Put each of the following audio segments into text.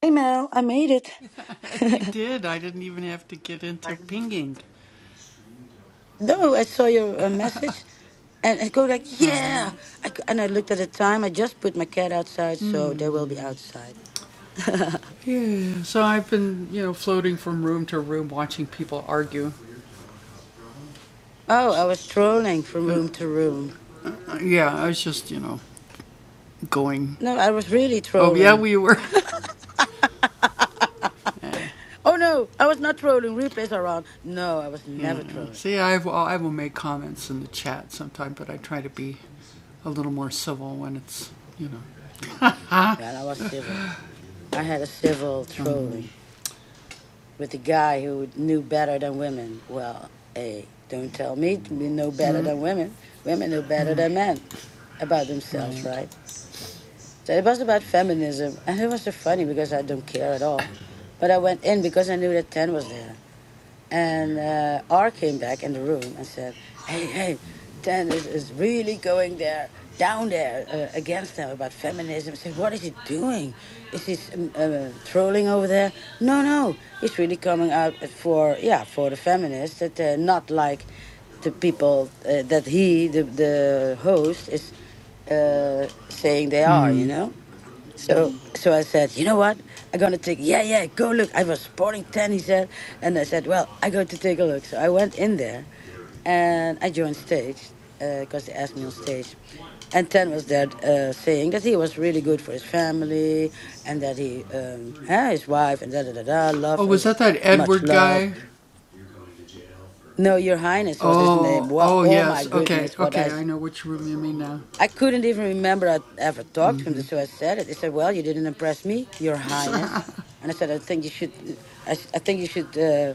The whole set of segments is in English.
Hey Mel, I made it. No, I saw your uh, message and I go like, yeah. I, c- and I looked at the time. I just put my cat outside, so they will be outside. oh, I was trolling from room to room. No, I was really trolling. oh no, I was not trolling. Replays are on. No, I was never trolling. Yeah, and I was civil. I had a civil trolling. with a guy who knew better than women. Well, hey, don't tell me to be know better than women. Women know better than men about themselves, right? So it was about feminism, and it was so funny because I don't care at all. But I went in because I knew that Ten was there. And uh, R came back in the room and said, "Hey, hey, Ten is, is really going there down there uh, against them about feminism." I said, "What is he doing? Is he s- um, uh, trolling over there?" No, no, he's really coming out at- for yeah for the feminists that they're not like the people uh, that he the the host is uh, saying they are. You know. So so I said, you know what? I'm gonna take yeah, yeah, go look. I was sporting ten, he said. And I said, Well, I go to take a look. So I went in there and I joined stage because they asked me on stage. And Ten was there uh, saying that he was really good for his family and that he um eh, his wife and da da da da love uh, much love. No, your highness was his name. Well, oh my goodness, what I I couldn't even remember I ever talked to him, so I said it. He said, "Well, you didn't impress me, Your Highness." And I said, "I think you should, I, s- I think you should uh,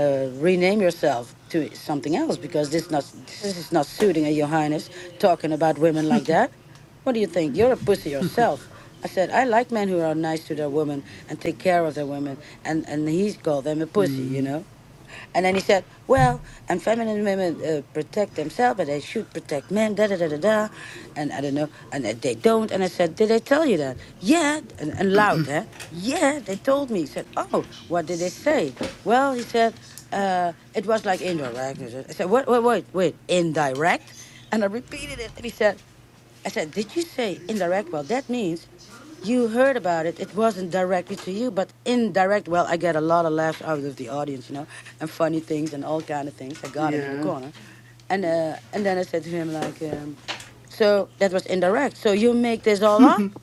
uh, rename yourself to something else because this not this is not suiting a Your Highness talking about women like that. What do you think? You're a pussy yourself." I said, "I like men who are nice to their women and take care of their women, and and he's called them a pussy, you know." And then he said, well, and feminine women uh, protect themselves, but they should protect men, da da da da da. And I don't know, and uh, they don't. And I said, did they tell you that? Yeah, and, and loud, huh? Yeah, they told me. He said, oh, what did they say? Well, he said, uh, it was like indirect. I said, wait, wait, wait, wait, indirect? And I repeated it. And he said, I said, did you say indirect? Well, that means you heard about it. It wasn't directly to you, but indirect. Well, I get a lot of laughs out of the audience, you know, and funny things and all kind of things. I got him in the corner and uh, and then I said to him like, um, so that was indirect. So you make this all up?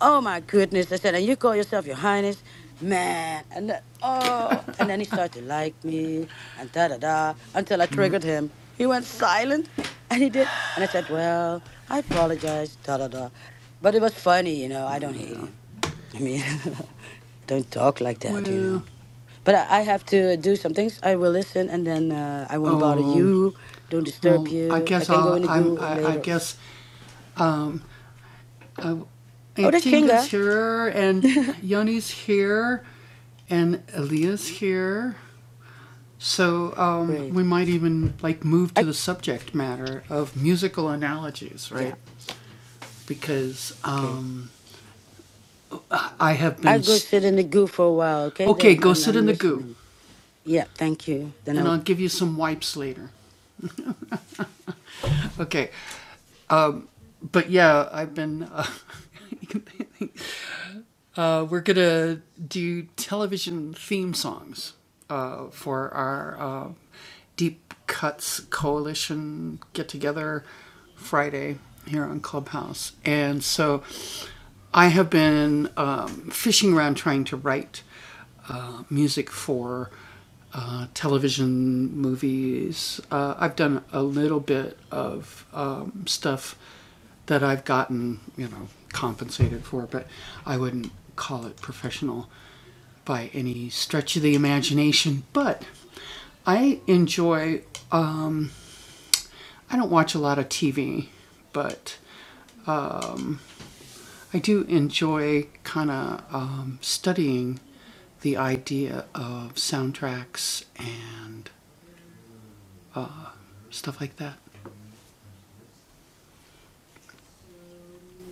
Oh my goodness! I said, and you call yourself your highness, man? And then, oh, and then he started to like me and da da da until I triggered him. He went silent, and he did. And I said, well, I apologize, da da da. But it was funny, you know. I don't hate him. I mean, I don't talk like that, you know. But I, I have to do some things. I will listen, and then uh, I won't bother you. Don't disturb you. I can go in the goo if later. Oh, that's Chinga. Great. I yeah. Okay. I go sit in the goo for a while. Okay, then and I'm listening. Yeah. Thank you. Then I.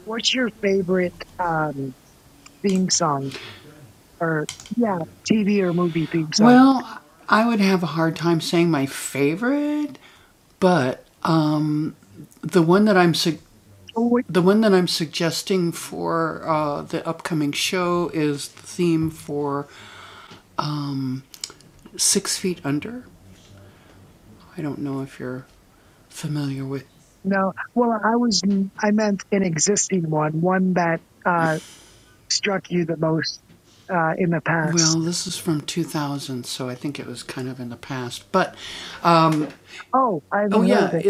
What's your favorite um, theme song or yeah, TV or movie theme song? Oh, wait, no, well, I was I meant an existing one, one that uh, struck you the most uh, in the past. Oh, I haven't heard of it.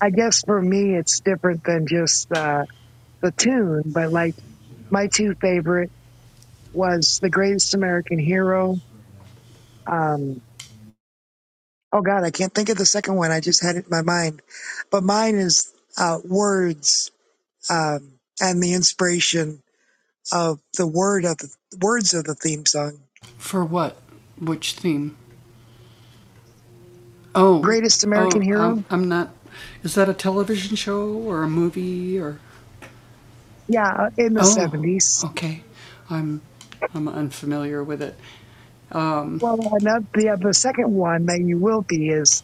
I guess for me, it's different than just uh, the tune, but like my two favorite was The Greatest American Hero. Um, oh God, I can't think of the second one. I just had it in my mind, but mine is uh, Words um, and the inspiration of the word of the words of the theme song. Greatest American Hero? Yeah, in the 70s. Well, another, the, uh, the second one that you will be is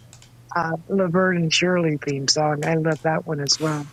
uh, Laverne and Shirley theme song. I love that one as well.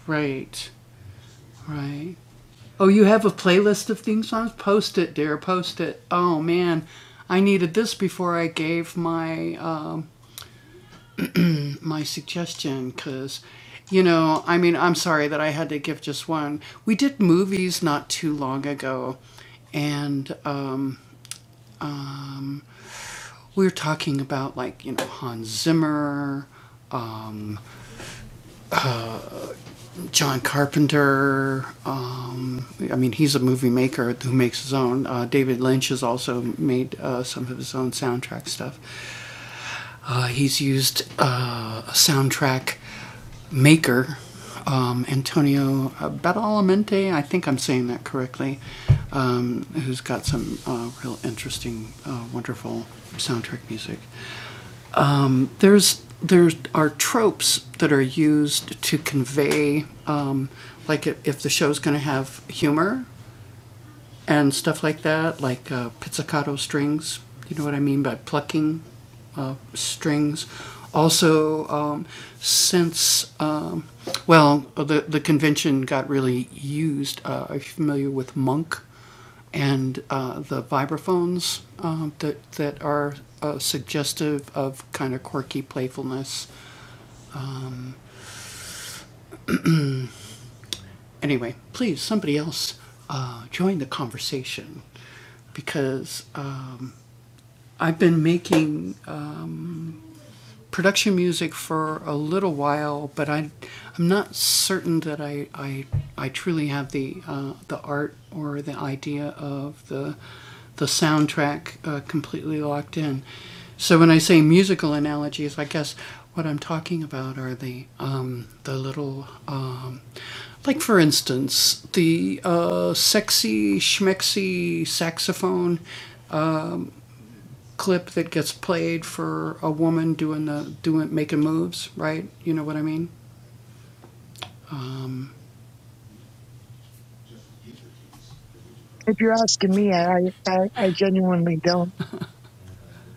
If you're asking me, I, I, I genuinely don't.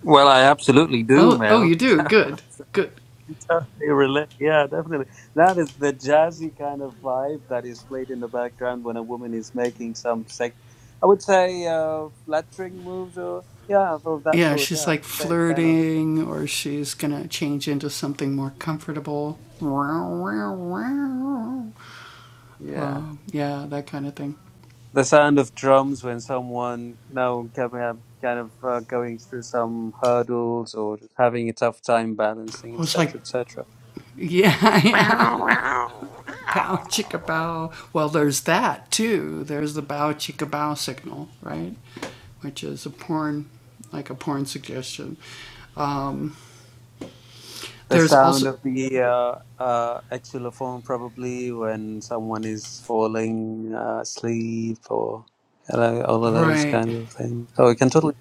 Well, I absolutely do, Mel. Totally relate. Yeah, definitely. That is the jazzy kind of vibe that is played in the background when a woman is making some sex, I would say, uh, flattering moves or, yeah, of that sort. Yeah, so kind of, yeah. The sound of drums when someone, you know, can have- kind of uh, going through some hurdles or having a tough time balancing, etc., etc. Meow, meow, meow. The sound of the uh, uh, xylophone, probably when someone is falling uh, asleep or you know, all of those kinds of things. So we can totally.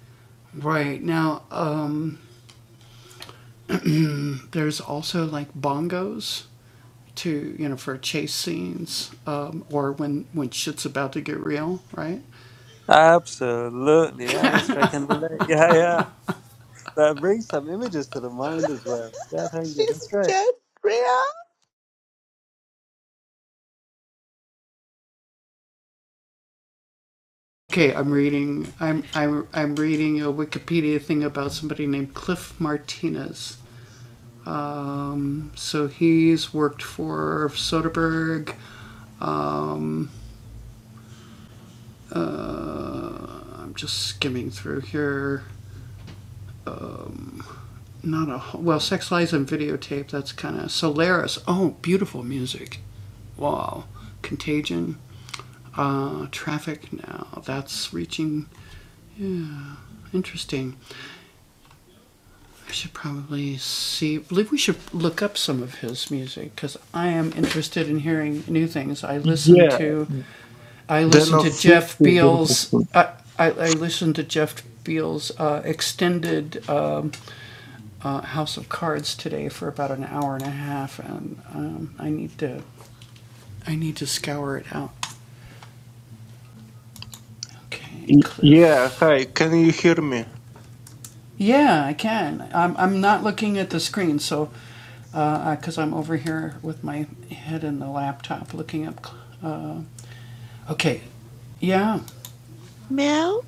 Absolutely. Yeah, that's right. I can relate. Yeah, yeah. That brings some images to the mind as well. Yeah, thank you. That's right. real. Yeah, then of fifth is interesting. Y- Yeah, hi, can you hear me? Mel,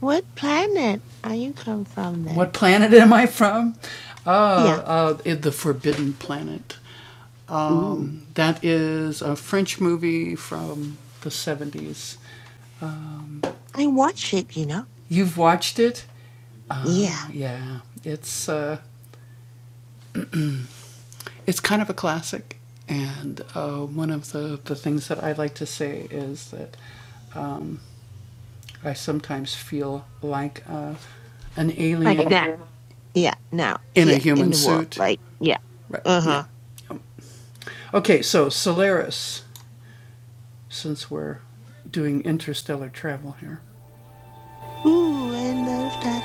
what planet are you come from then? Yeah. Ooh. I watch it, you know? Yeah. Like that. Yeah, now, here in the world. Like, yeah. Uh huh. Ooh, I love that.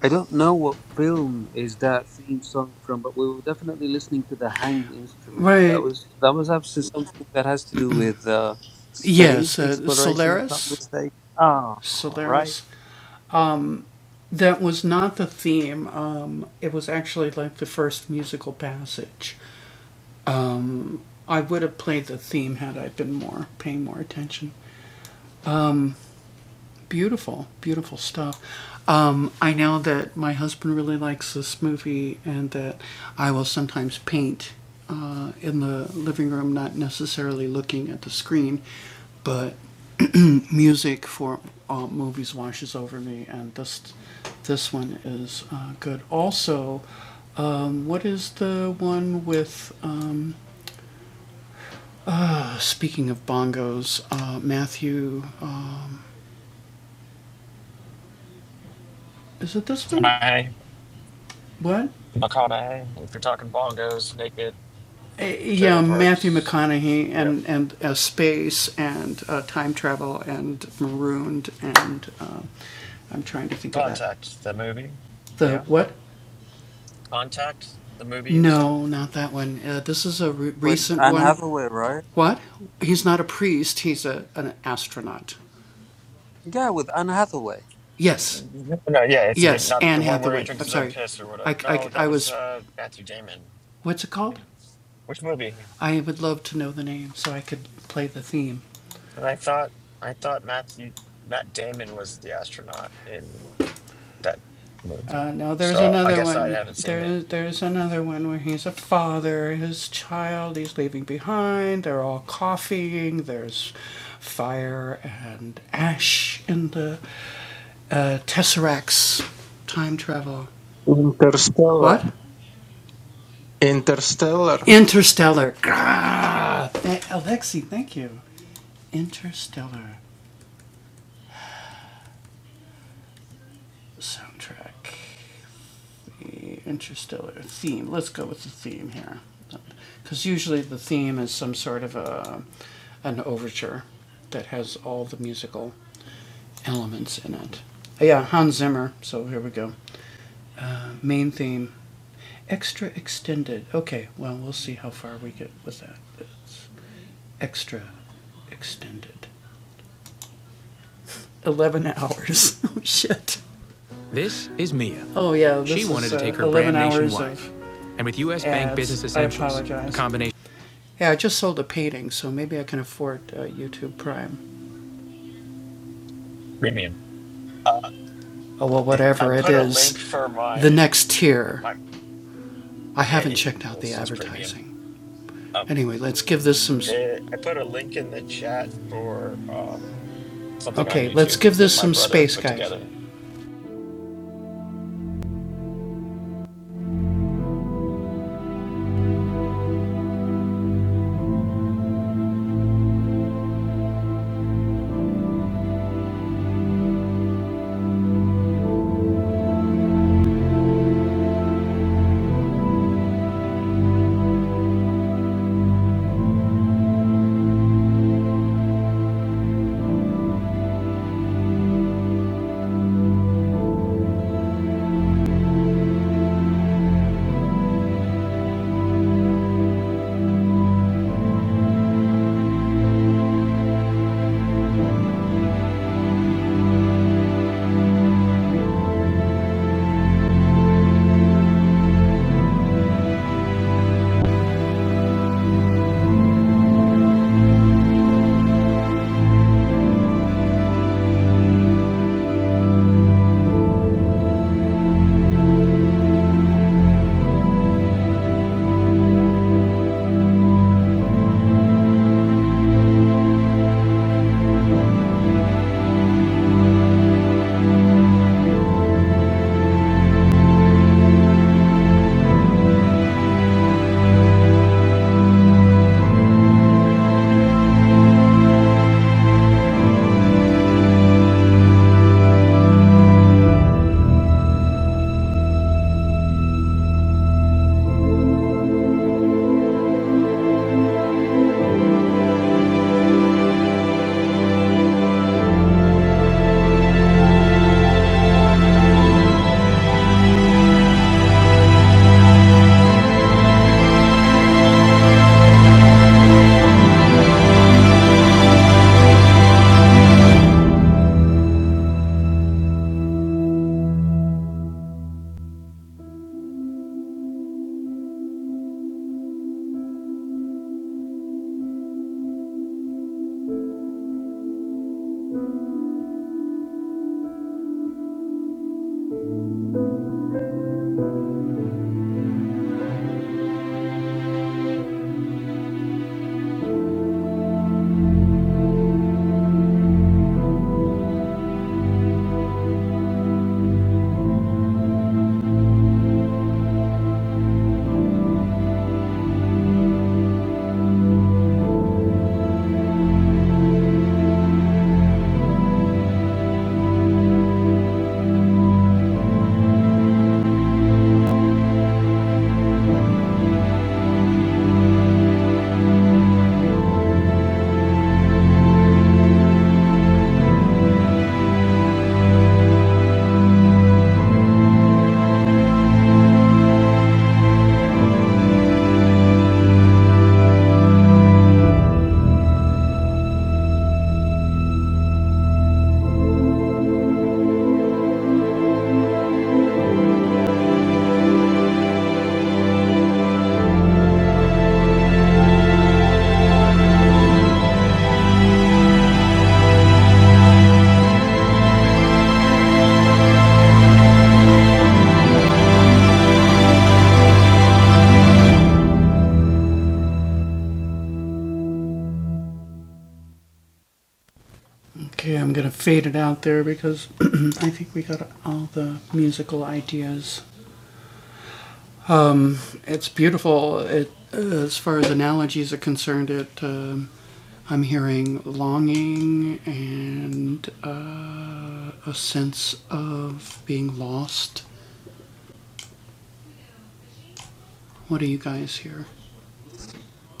I don't know what film is that theme song from, but we were definitely listening to the hang instrument. That was that was absolutely something that has to do with uh, space exploration, if not mistaken. Ah, right, McConaughey, McConaughey. If you're talking bongos, naked trailer parks. Yeah. Contact, the movie. Yeah. Contact, the movie he was in. with Anne Hathaway, right? Yeah, with Anne Hathaway. No, yeah, it's a different, not the one where he drinks his own piss or whatever. No, that was uh Matthew Damon. Hmm. Which movie? And I thought, I thought Matthew Matt Damon was the astronaut in that movie. So I guess I haven't seen it. Interstellar. Interstellar. Premium. Uh, I put a link for my my. Yeah, yeah, yeah, it's just premium. Um, did, I put a link in the chat for um something on YouTube that my brother put together.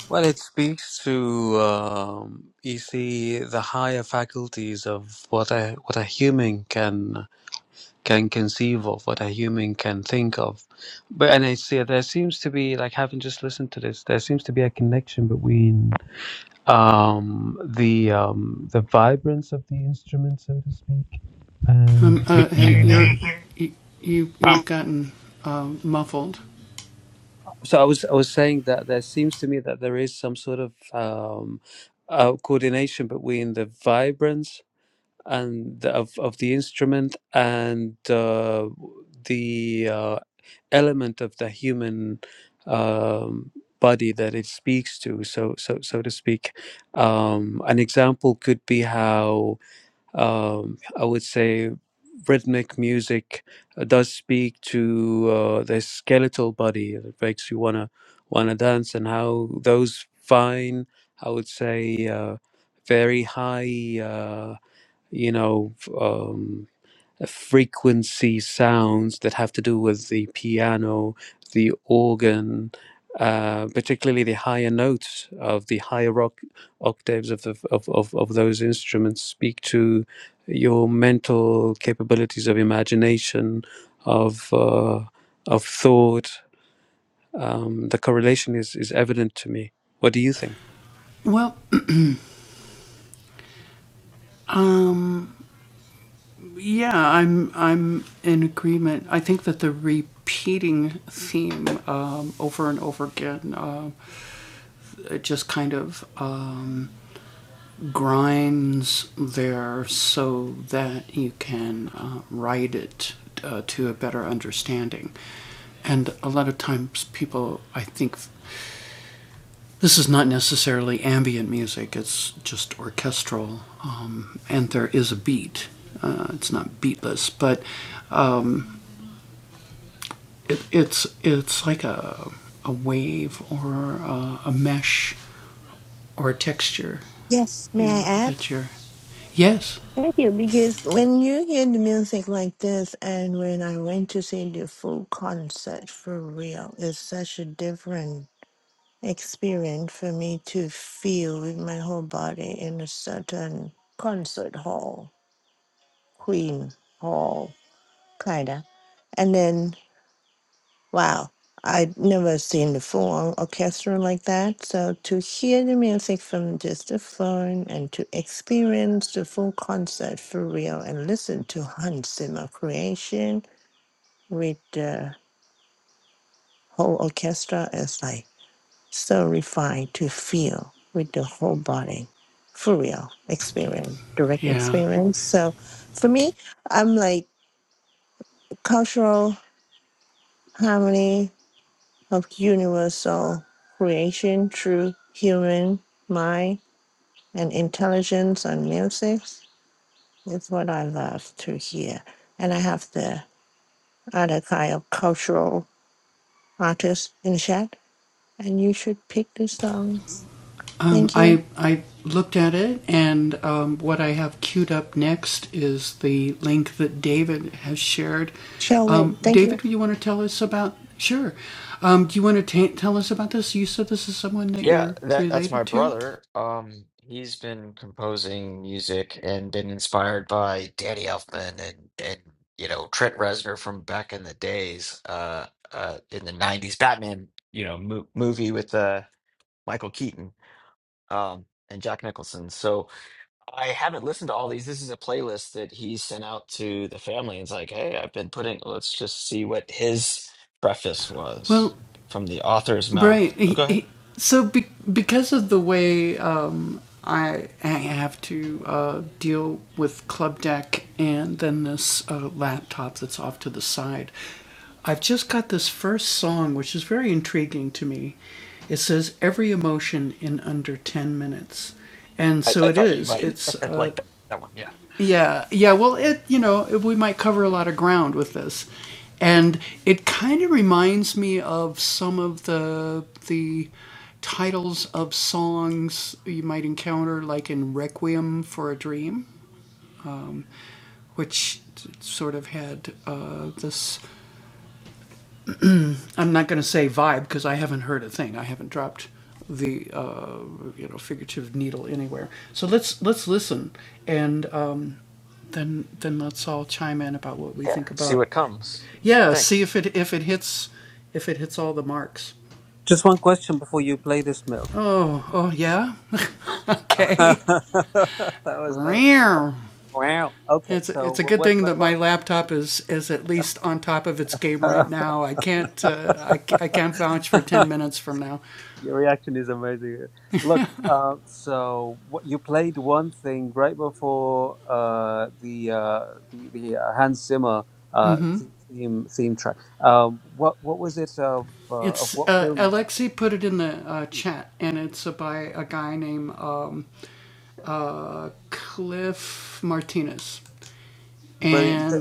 Well, it speaks to um, you see the higher faculties of what a what a human can can conceive of, what a human can think of. But and I see there seems to be like having just listened to this, there seems to be a connection between um, the um, the vibrance of the instrument, so to speak, and the- so I was I was saying that there seems to me that there is some sort of um, uh, coordination between the vibrance and the, of of the instrument and uh, the uh, element of the human um, body that it speaks to, so so so to speak. Um, an example could be how um, I would say rhythmic music uh, does speak to uh, the skeletal body that makes you wanna wanna dance, and how those fine, I would say, uh, very high. Uh, you know, f- um, uh, frequency sounds that have to do with the piano, the organ, uh, particularly the higher notes of the higher oc- octaves of, the, of, of, of those instruments speak to your mental capabilities of imagination, of, uh, of thought. Um, the correlation is, is evident to me. What do you think? Yes, may I add? Thank you. Because when you hear the music like this, and when I went to see the full concert for real, it's such a different. experience for me to feel with my whole body in a certain concert hall, Queen Hall, kinda. And then, wow, I'd never seen the full orchestra like that. So to hear the music from just the phone and to experience the full concert for real and listen to Hans Zimmer creation with the whole orchestra is like. so refined to feel with the whole body for real experience, direct experience. So for me, I'm like cultural harmony of universal creation through human mind and intelligence and music is what I love to hear. And I have the other kind of cultural artist in chat, and you should pick the songs. Thank you. Shall we? Thank you. Yeah, that that's my brother. Um, he's been composing music and been inspired by Danny Elfman and and you know Trent Reznor from back in the days, uh, uh, in the '90s Batman, you know, mo movie with uh Michael Keaton, um, and Jack Nicholson. So. I haven't listened to all these. This is a playlist that he sent out to the family. It's like, hey, I've been putting, let's just see what his preface was from the author's mouth. Oh, go ahead. I, I thought you might like that, that one. Yeah. Yeah. See what comes. Thanks. Just one question before you play this, Mel. that was another. Wow. Okay. So what? What, what about? Your reaction is amazing. Look. Uh, so what, you played one thing right before uh, the, uh, the the uh, Hans Zimmer uh, th- theme theme track. Um, what what was it of uh, of what film was it? Brilliant.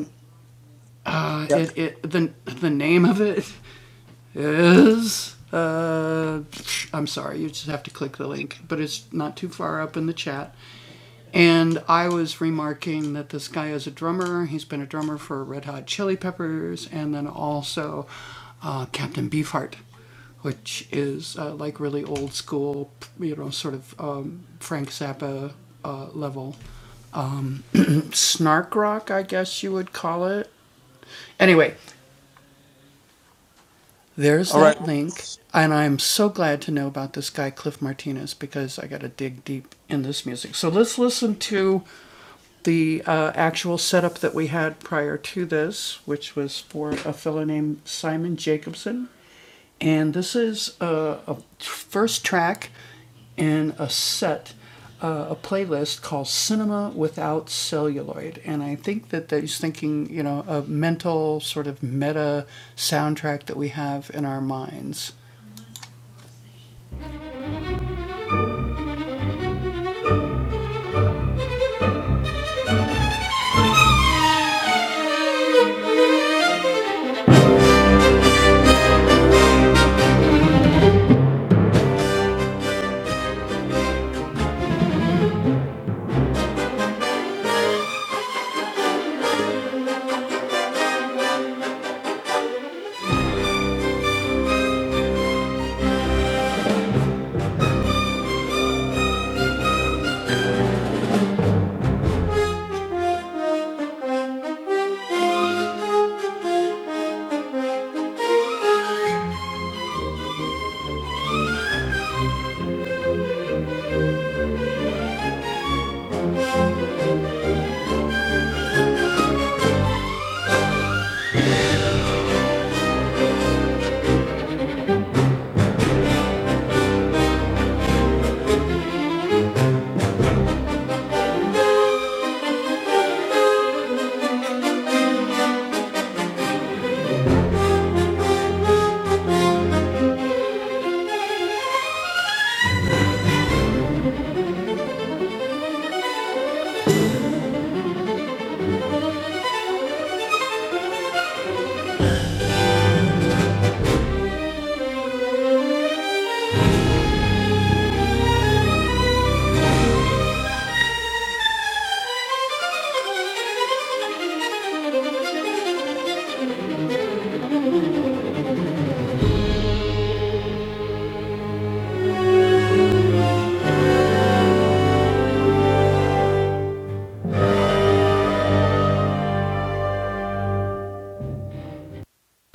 All right.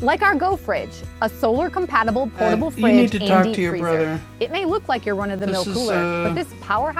Like our Go Fridge, a solar compatible. pl- It may look like you're one of the power.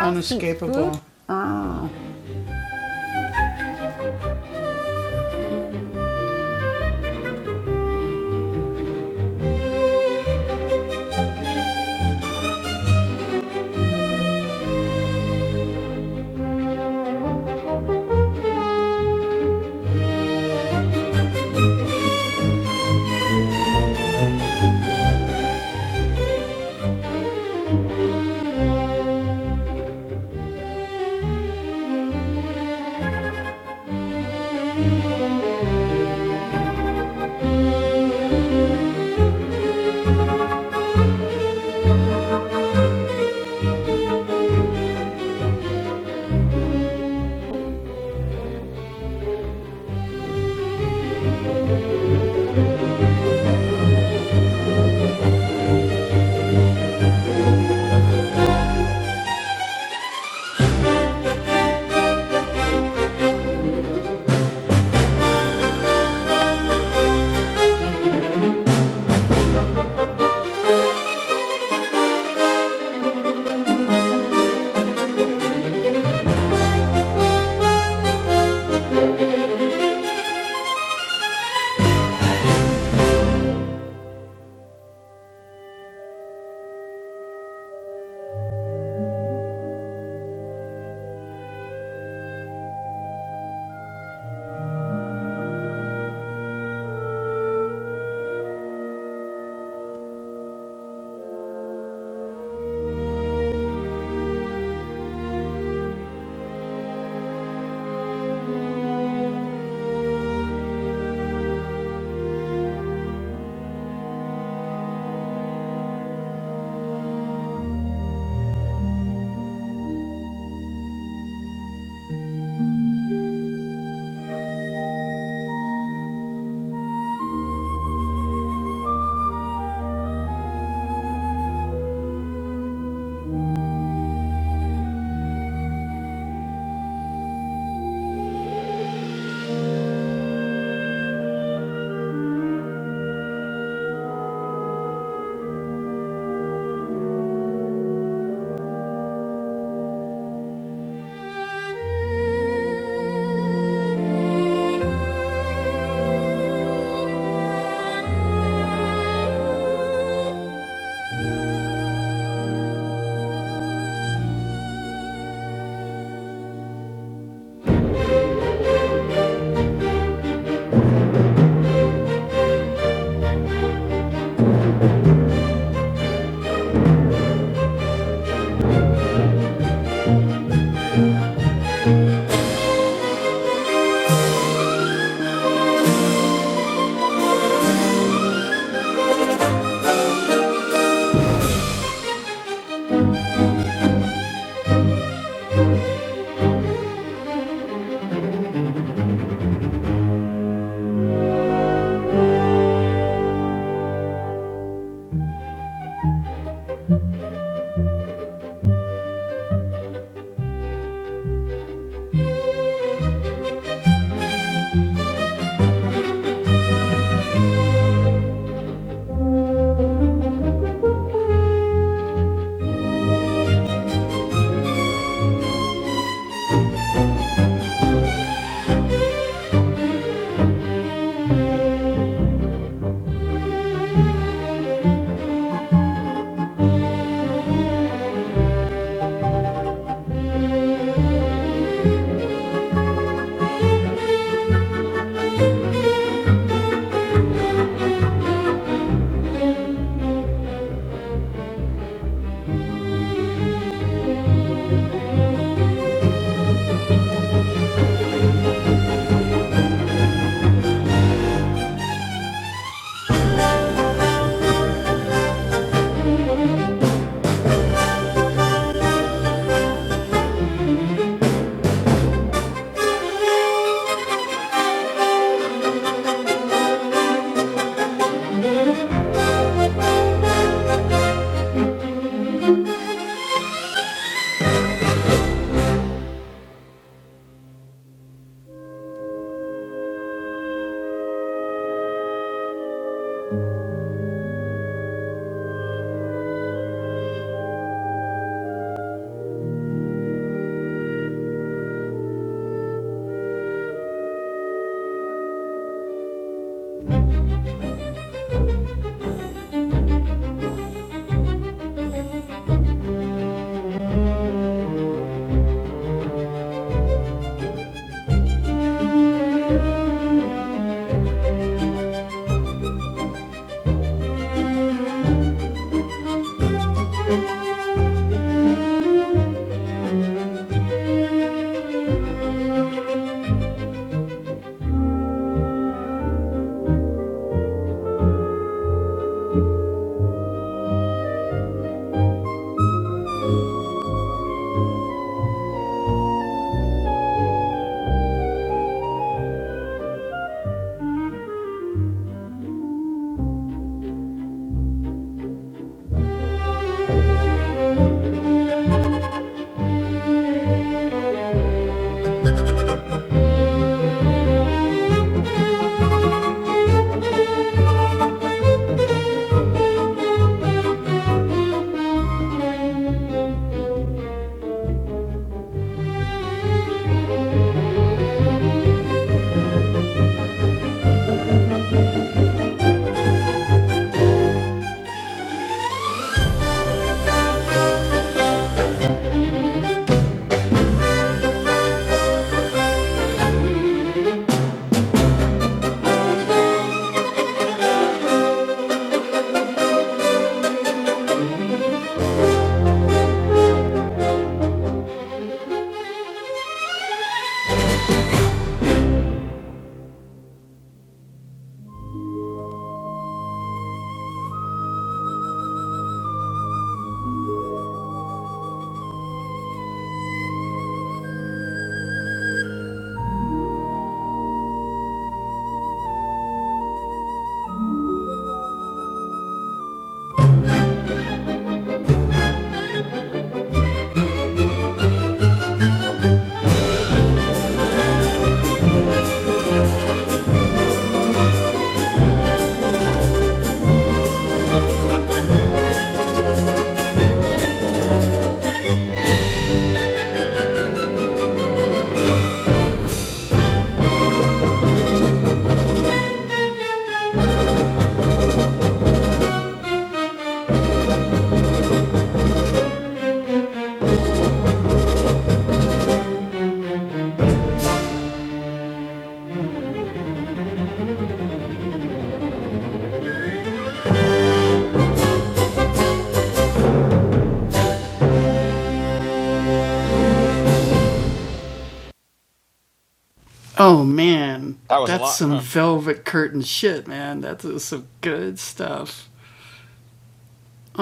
That was a lot. Huh?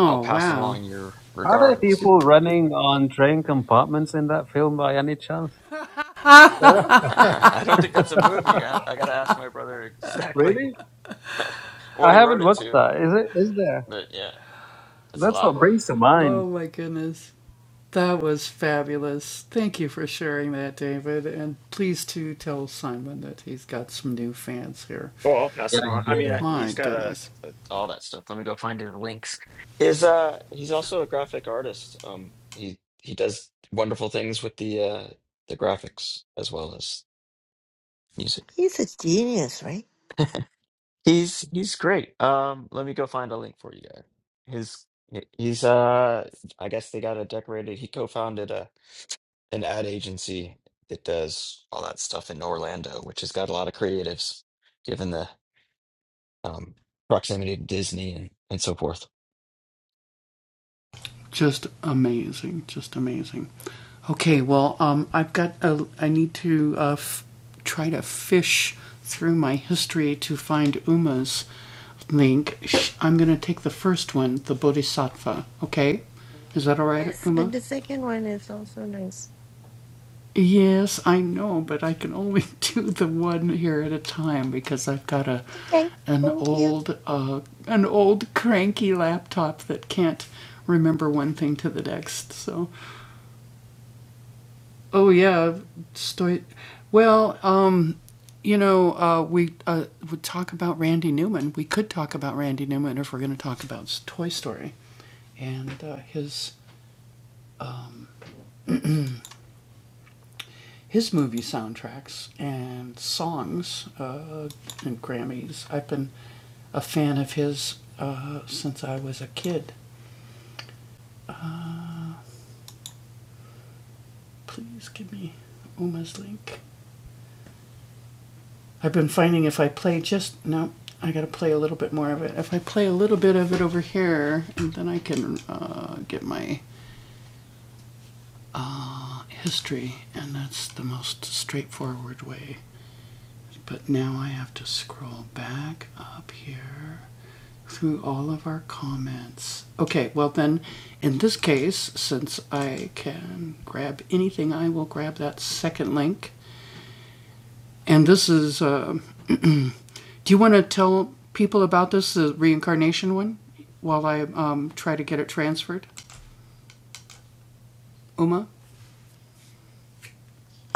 I'll pass along your Are there regards. people running on train compartments in that film by any chance? Yeah, I don't think that's a movie. I, I got to ask my brother really? exactly what I he wrote haven't it watched to. that. Is it? Is there? But yeah, that's a That's lot. what brings to mind. Oh, I'll pass Yeah, it on. he I did it. mean, I- he's got a, a- all that stuff. Let me go find his links. Is uh, he's also a graphic artist. Um, he he does wonderful things with the uh the graphics as well as music. He's a genius, right? He's he's great. Um, let me go find a link for you guys. His he- he's uh, I guess they got a decorated. He co-founded a an ad agency that does all that stuff in Orlando, which has got a lot of creatives, given the um proximity to Disney and and so forth. Yes, but the second one is also nice. Okay, thank you.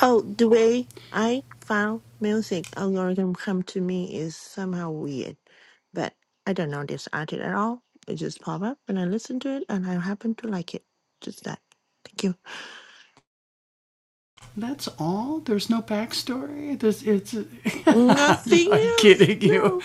Oh, the way I found music algorithm come to me is somehow weird, but I don't know this artist at all. It just pop up and I listen to it and I happen to like it. Just that. Thank you. Nothing else. No.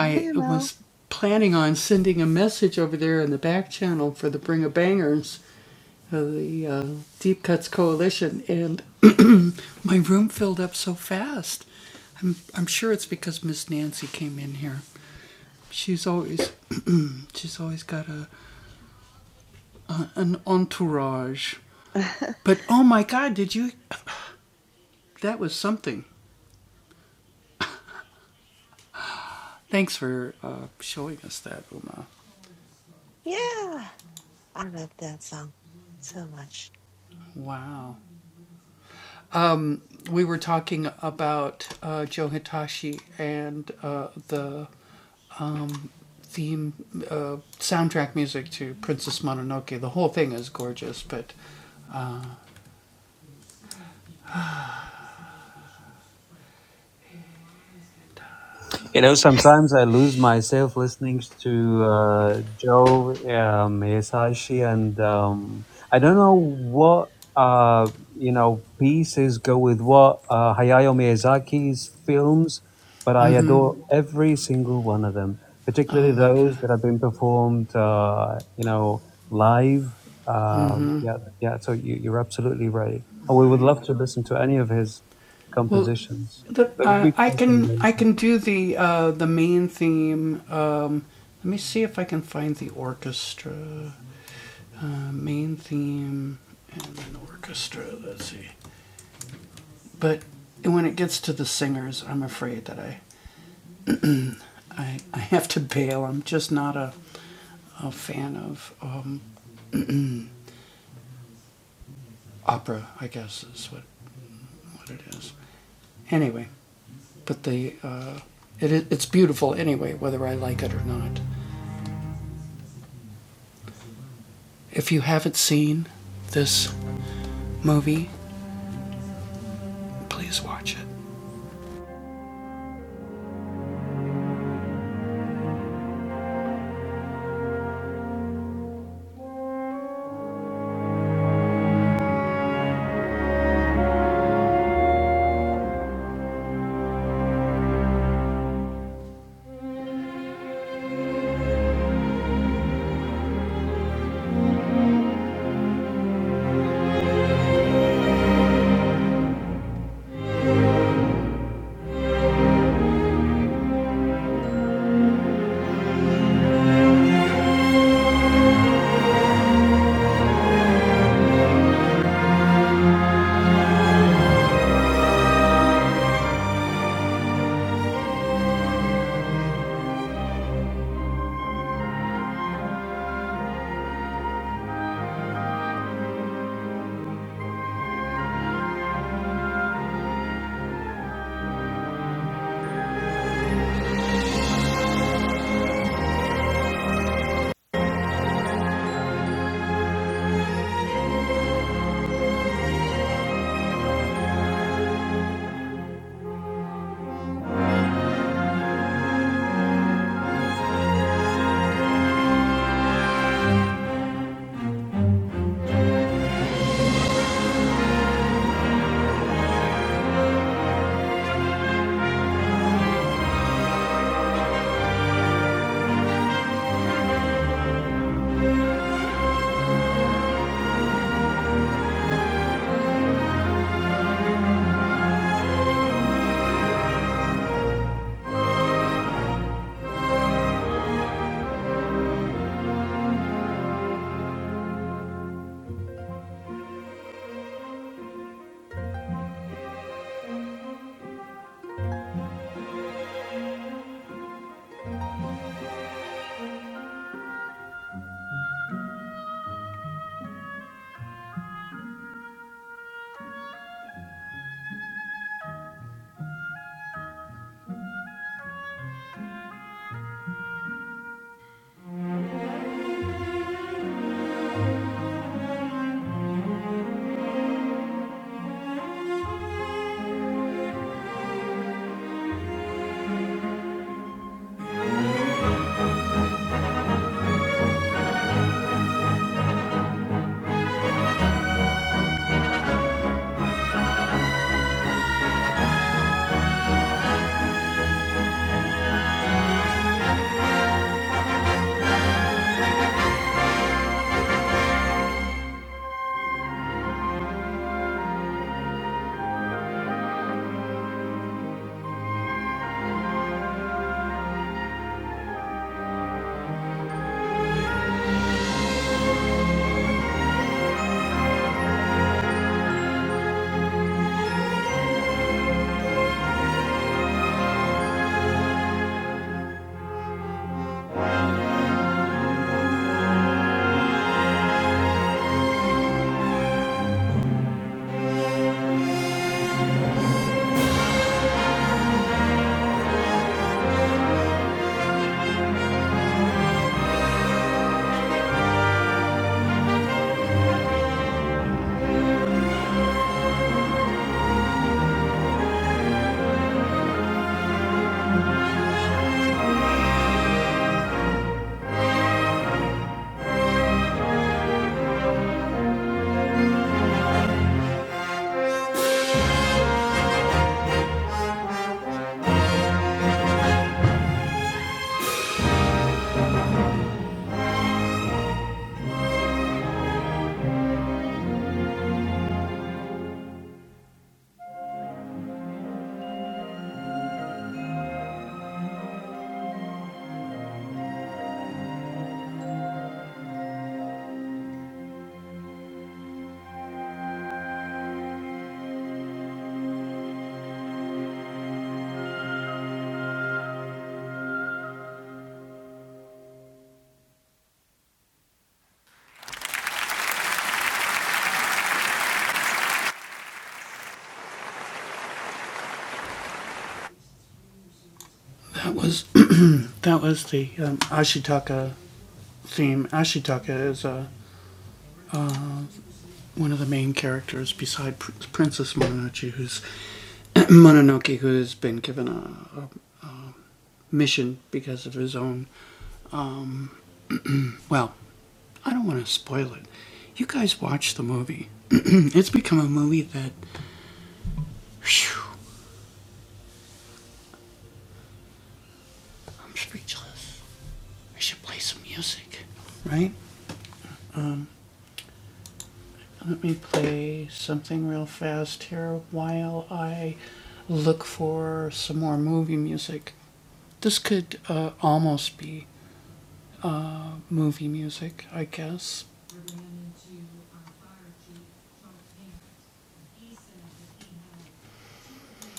Hi, Mel. Yeah. I love that song so much. You know, sometimes I lose myself listening to uh, Joe um, Hisashi, and um, I don't know what uh, you know pieces go with what uh, Hayao Miyazaki's films, but I adore every single one of them, particularly those that have been performed, uh, you know, live. Um, yeah, yeah. So you, you're absolutely right, and we would love to listen to any of his compositions. That would be transcendental.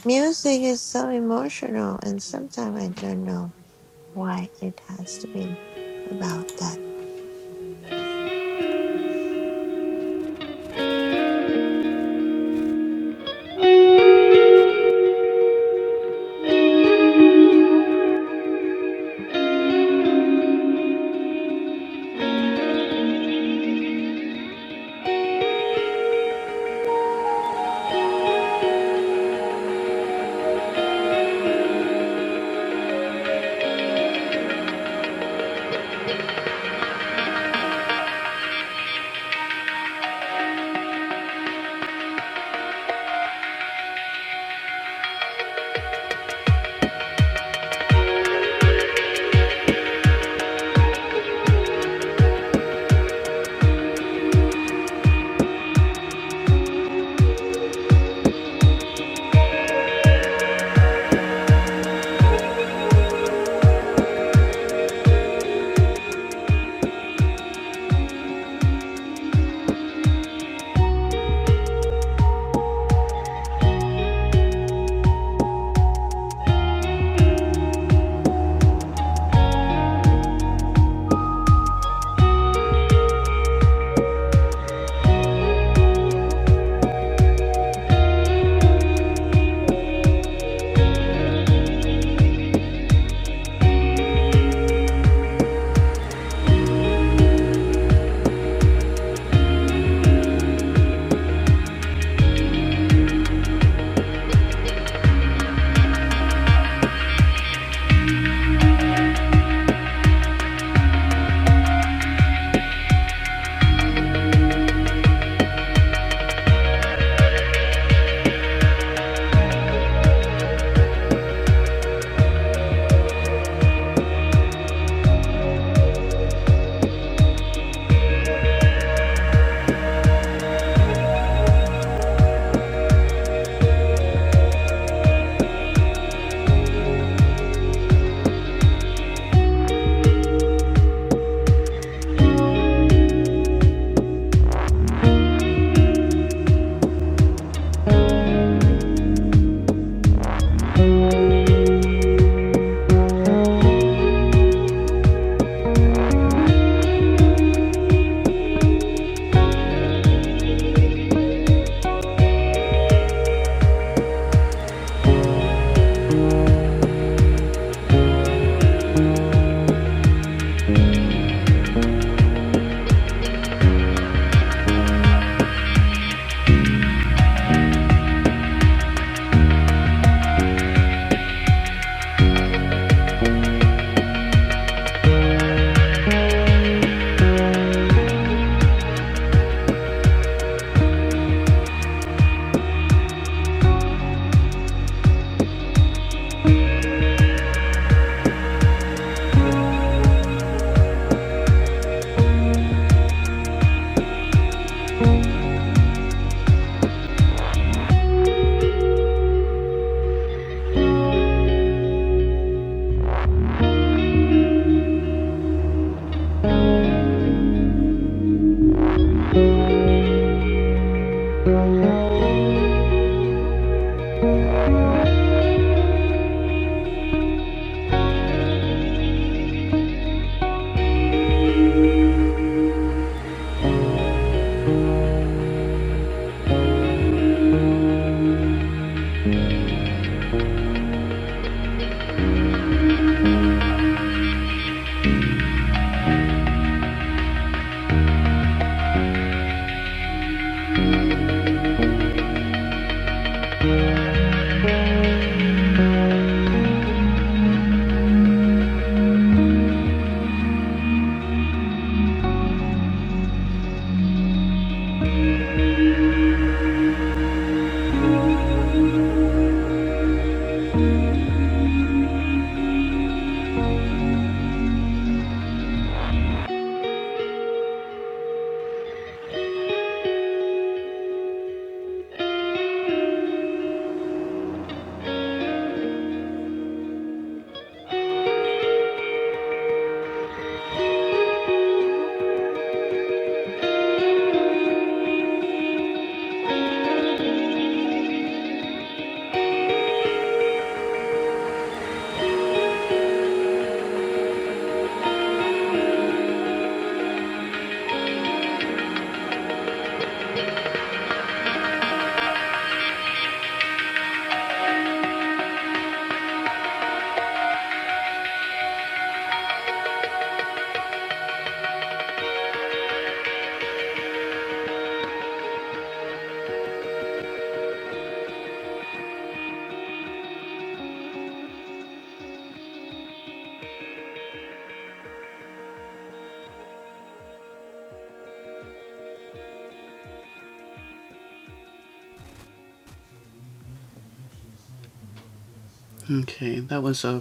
Music is so emotional and sometimes I don't know why it has to be about that.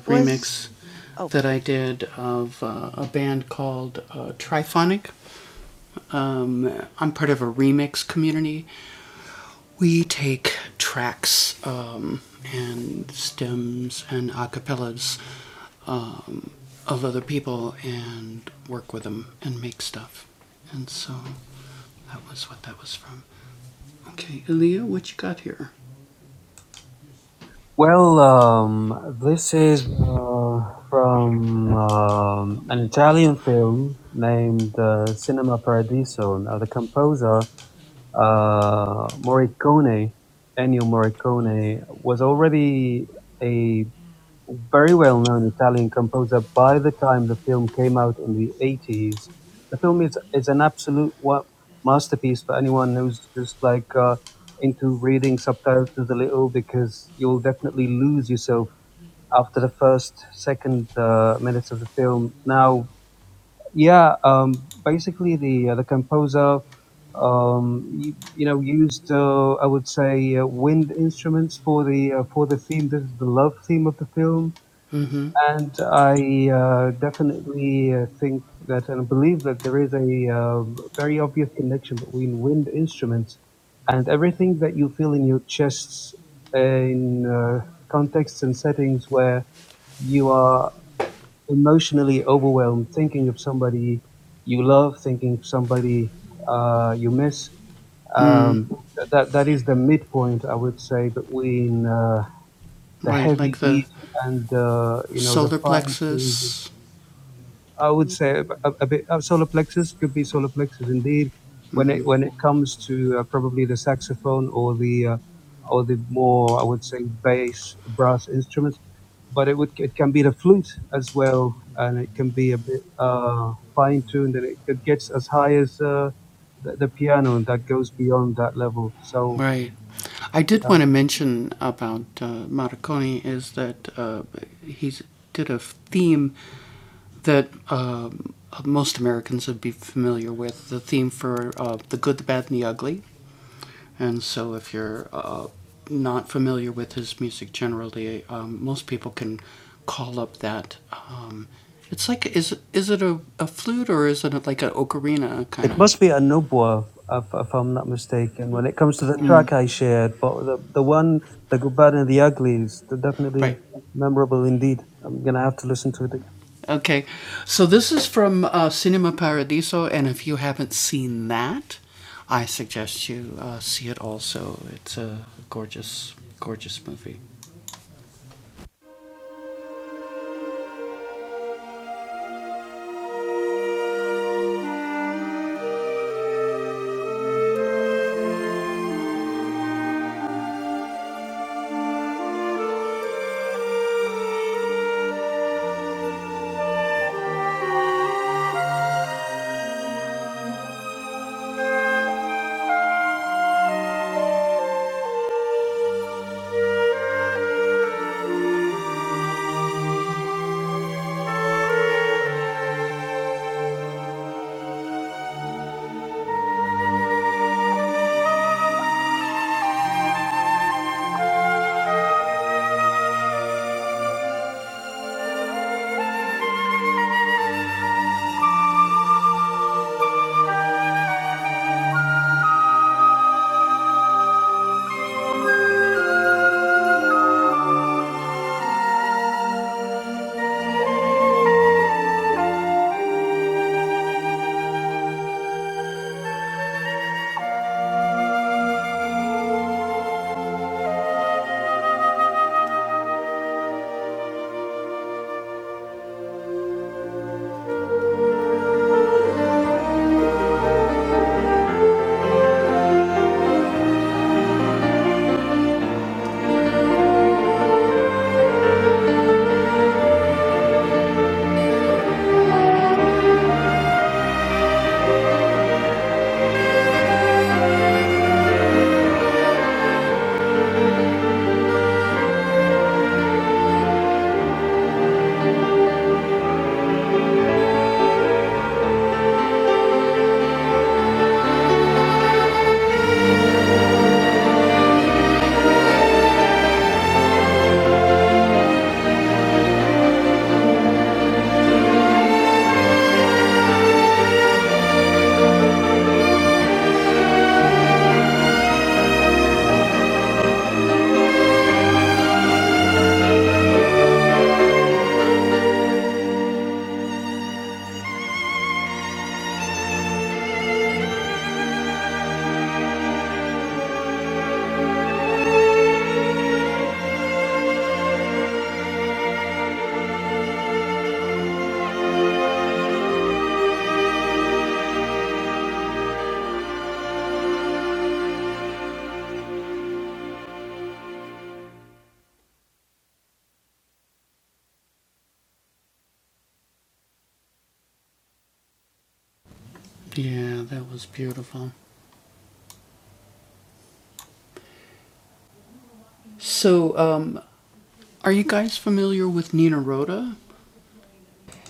Was oh, Well, um, this is uh, from um, an Italian film named uh, Cinema Paradiso. Now, the composer uh, Morricone, Ennio Morricone, was already a very well-known Italian composer by the time the film came out in the 80s. The film is, is an absolute wa- masterpiece for anyone who's just like uh, into reading subtitles a little because you'll definitely lose yourself after the first, second uh, minutes of the film. Now, yeah, um, basically the, uh, the composer um, you, you know, used uh, I would say uh, wind instruments for the uh, for the theme. This is the love theme of the film. And I uh, definitely uh, think that and believe that there is a uh, very obvious connection between wind instruments and everything that you feel in your chests in uh, contexts and settings where you are emotionally overwhelmed, thinking of somebody you love, thinking of somebody uh, you miss. Um, that that is the midpoint, I would say, between uh, the heavy beat and uh, you know the fine tuned I would say a, a bit uh, solar plexus could be solar plexus indeed. When it when it comes to uh, probably the saxophone or the uh, or the more I would say bass brass instruments, but it would it can be the flute as well, and it can be a bit uh, fine tuned, and it, it gets as high as uh, the, the piano, and that goes beyond that level. So uh, It must be a Nubwa, if, if I'm not mistaken. When it comes to the track I shared, but the, the one, the good, bad, and the uglies, they're definitely memorable indeed. I'm gonna have to listen to it.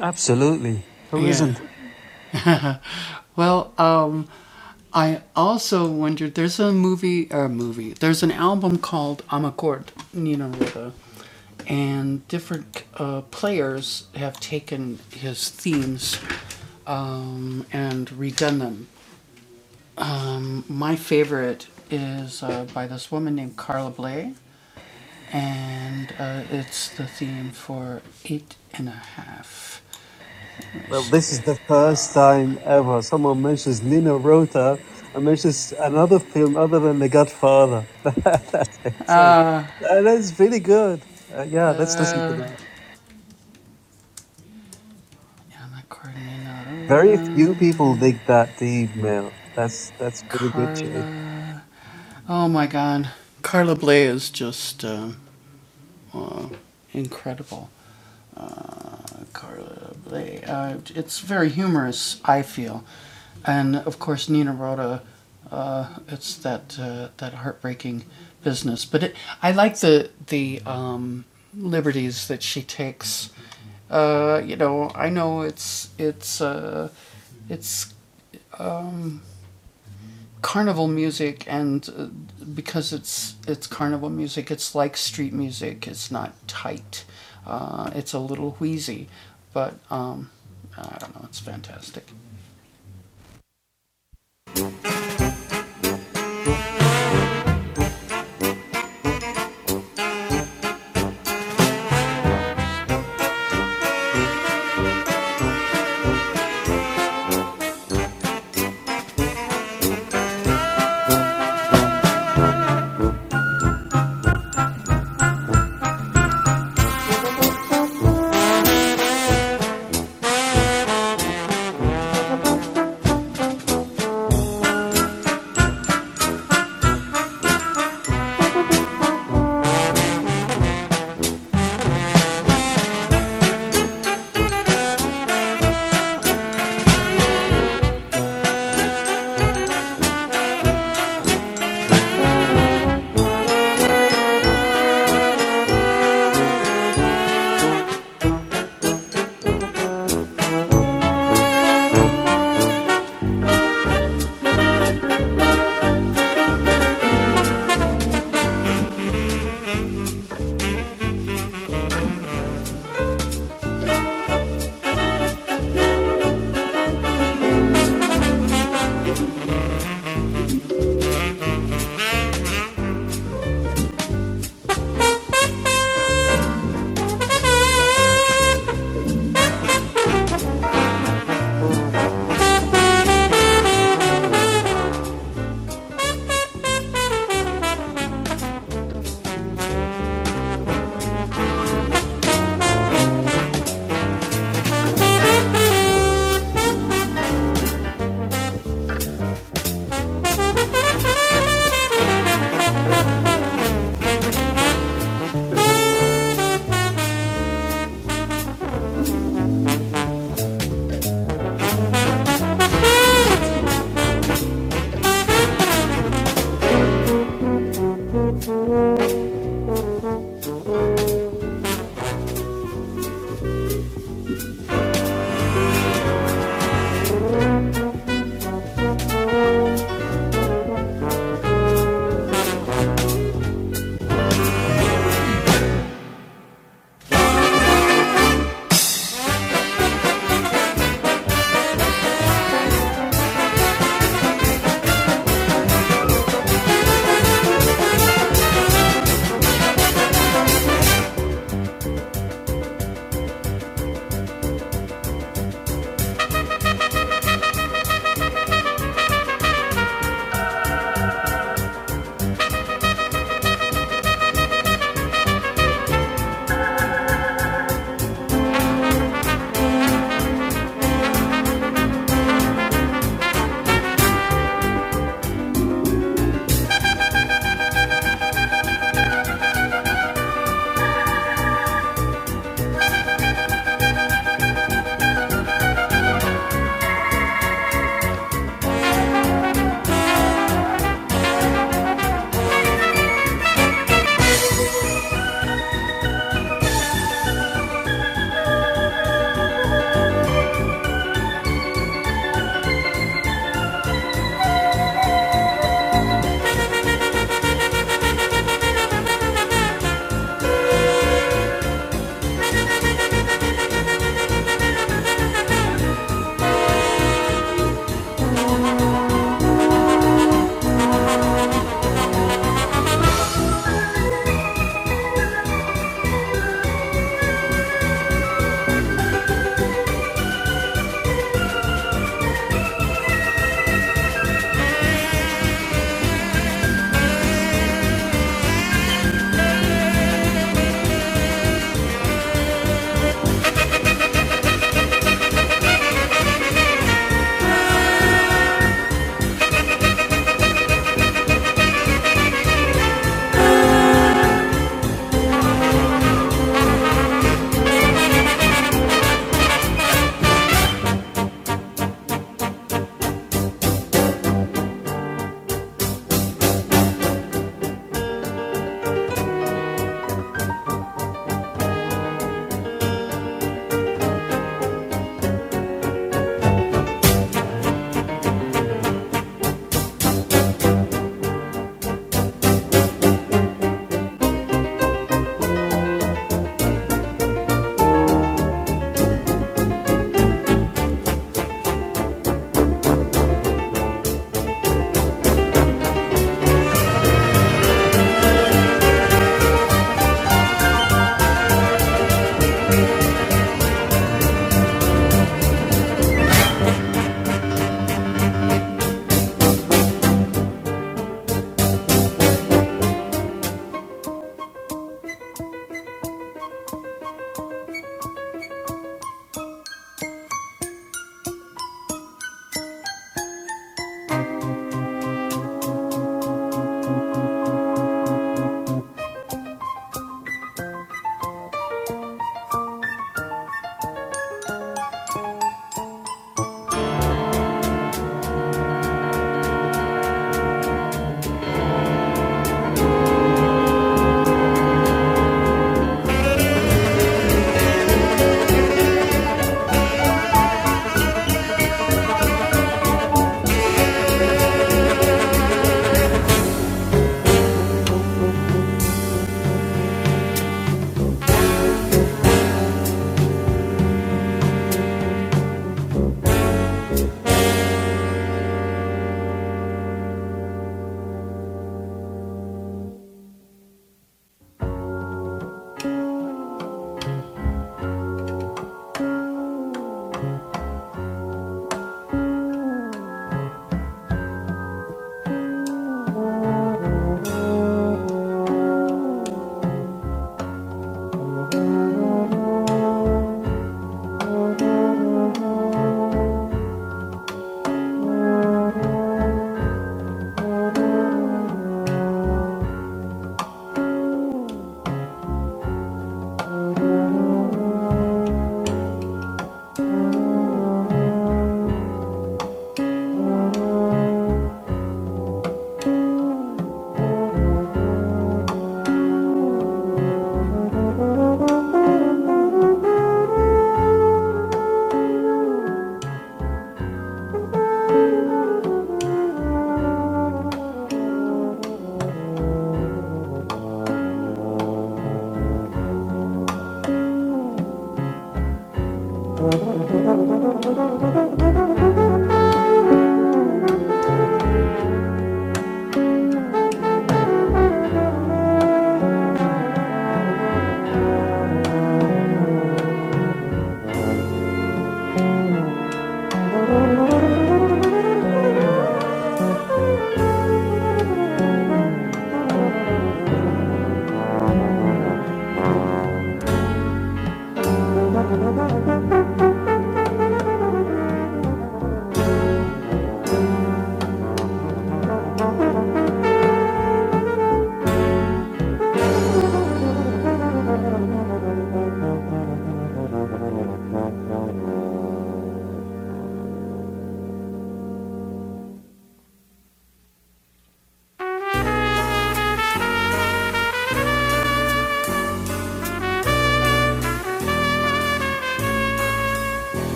Absolutely, who isn't? Well, this is the first time ever someone mentions Nina Rota and mentions another film other than The Godfather. That's insane. Uh, That's really good. Uh, yeah, let's listen to that. Very few people dig that deep, Mel. That's that's pretty good, Chase.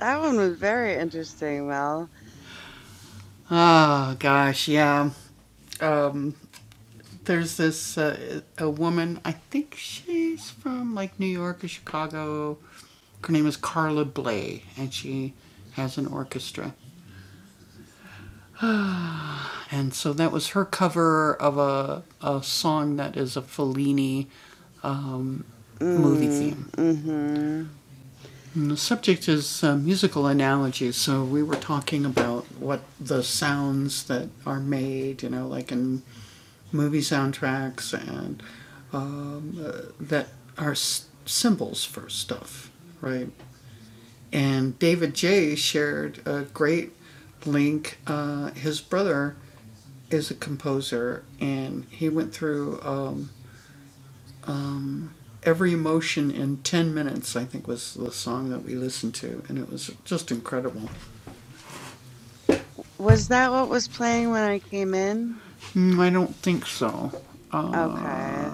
that one was very interesting, Mel. Mm, mm-hmm. Was that what was playing when I came in? Okay.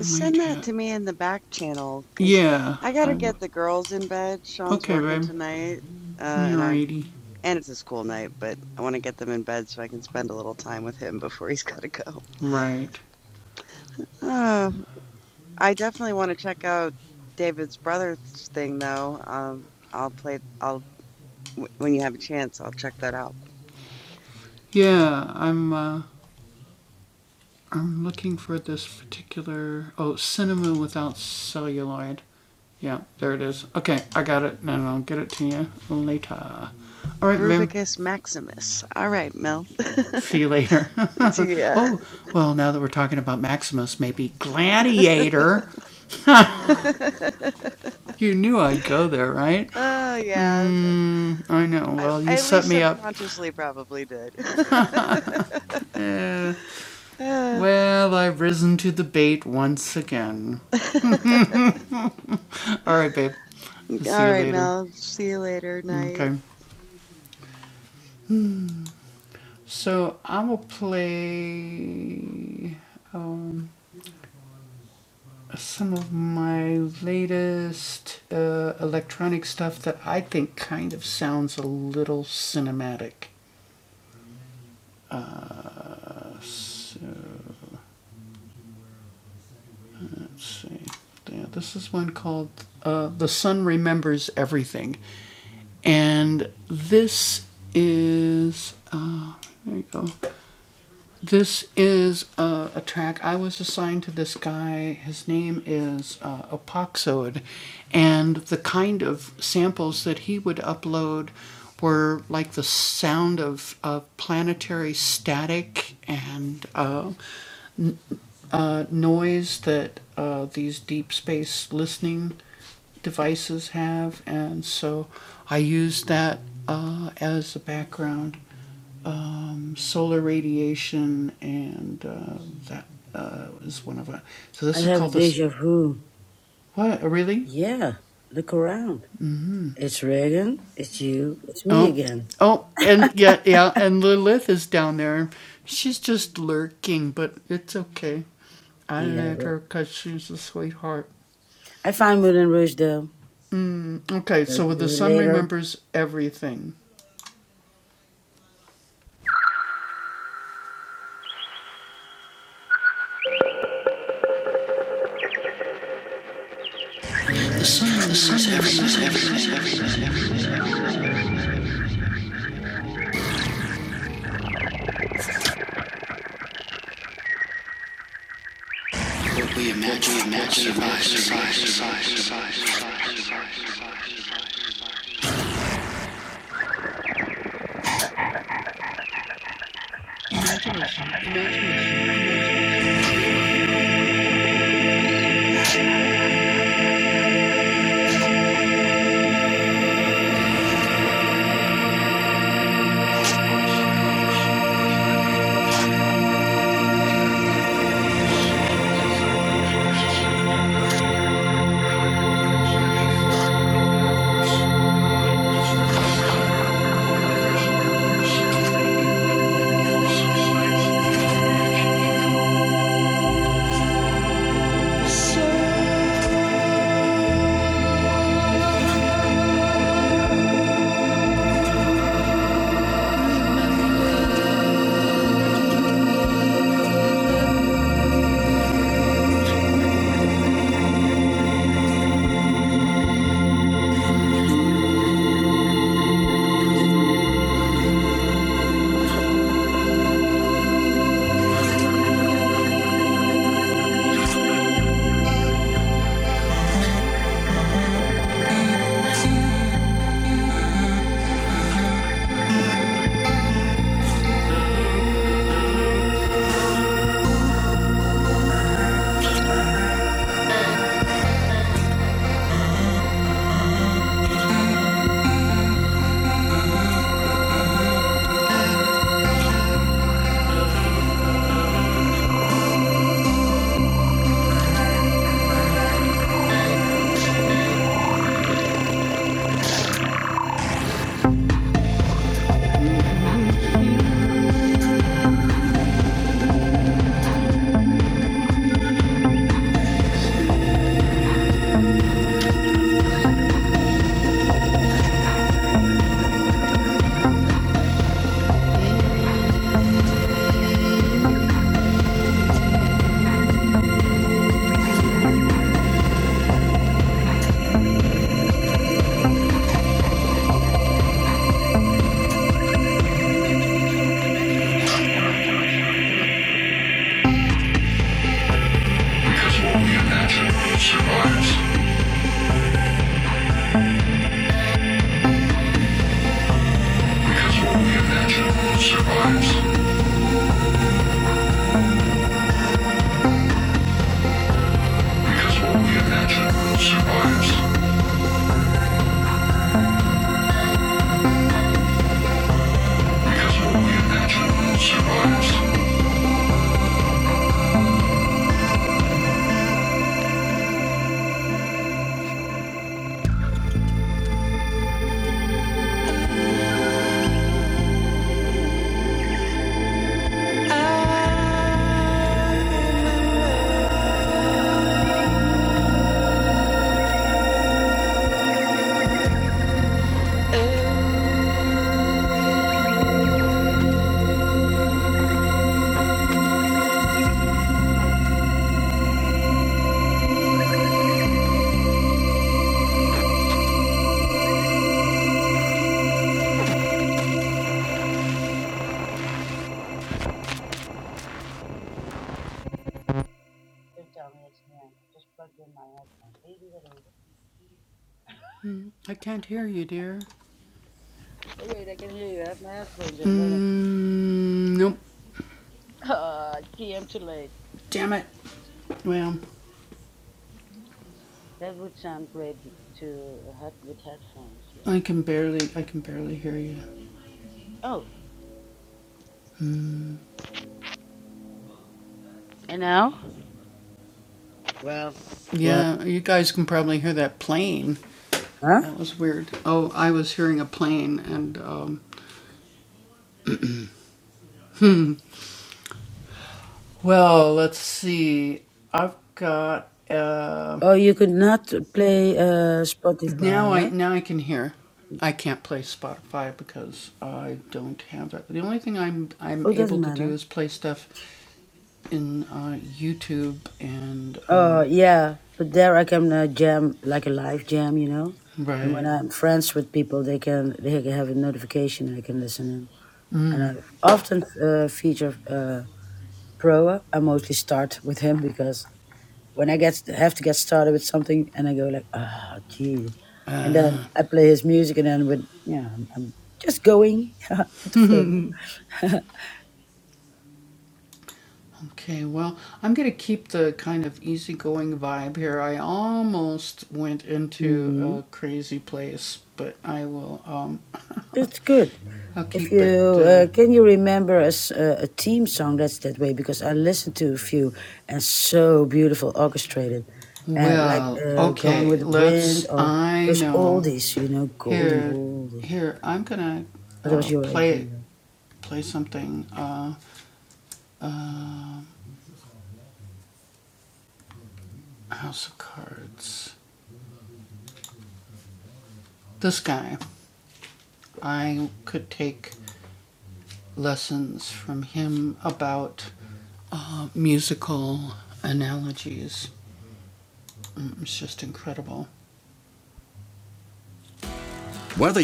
Send that to me in the back channel because I gotta get the girls in bed. Sean's working tonight, uh, and I and it's a school night, but I want to get them in bed so I can spend a little time with him before he's gotta go. Uh, I definitely want to check out David's brother's thing though. Um, I'll play. I'll w- when you have a chance, I'll check that out. Groovicus Maximus. All right, Mel. yeah. oh, yeah. I, I at least subconsciously probably did. Ah. All right, Mel. See you later. Night. I have deja vu. Yeah. Look around. It's Reagan. It's you. It's me again. Yeah. but I find Moulin Rouge though. Talk to you later. Don't tell me it's him. I just plugged in my headphones. Oh, wait, I can hear you. I have my headphones in. Wait a minute. Uh, am too late. That would sound great with, to, uh, head, with headphones, yeah. Oh, and now? Well, well, huh? Oh, you could not play uh, Spotify, huh? Oh, doesn't matter. Oh, yeah, but there I can uh, jam, like a live jam, you know? And when I'm friends with people, they can they can have a notification and I can listen in. And I often uh, feature uh, Proa. I mostly start with him because when I get have to get started with something, and I go like, ah, gee, and then I play his music, and then with yeah, I'm, I'm just going with the flow. mm, it's good. If you uh, can you remember as uh, a team song that's that way because I listened to a few and so beautiful orchestrated, and like uh, Gone with the Wind or there's oldies, you know, golden oldies. But that was your idea. Whether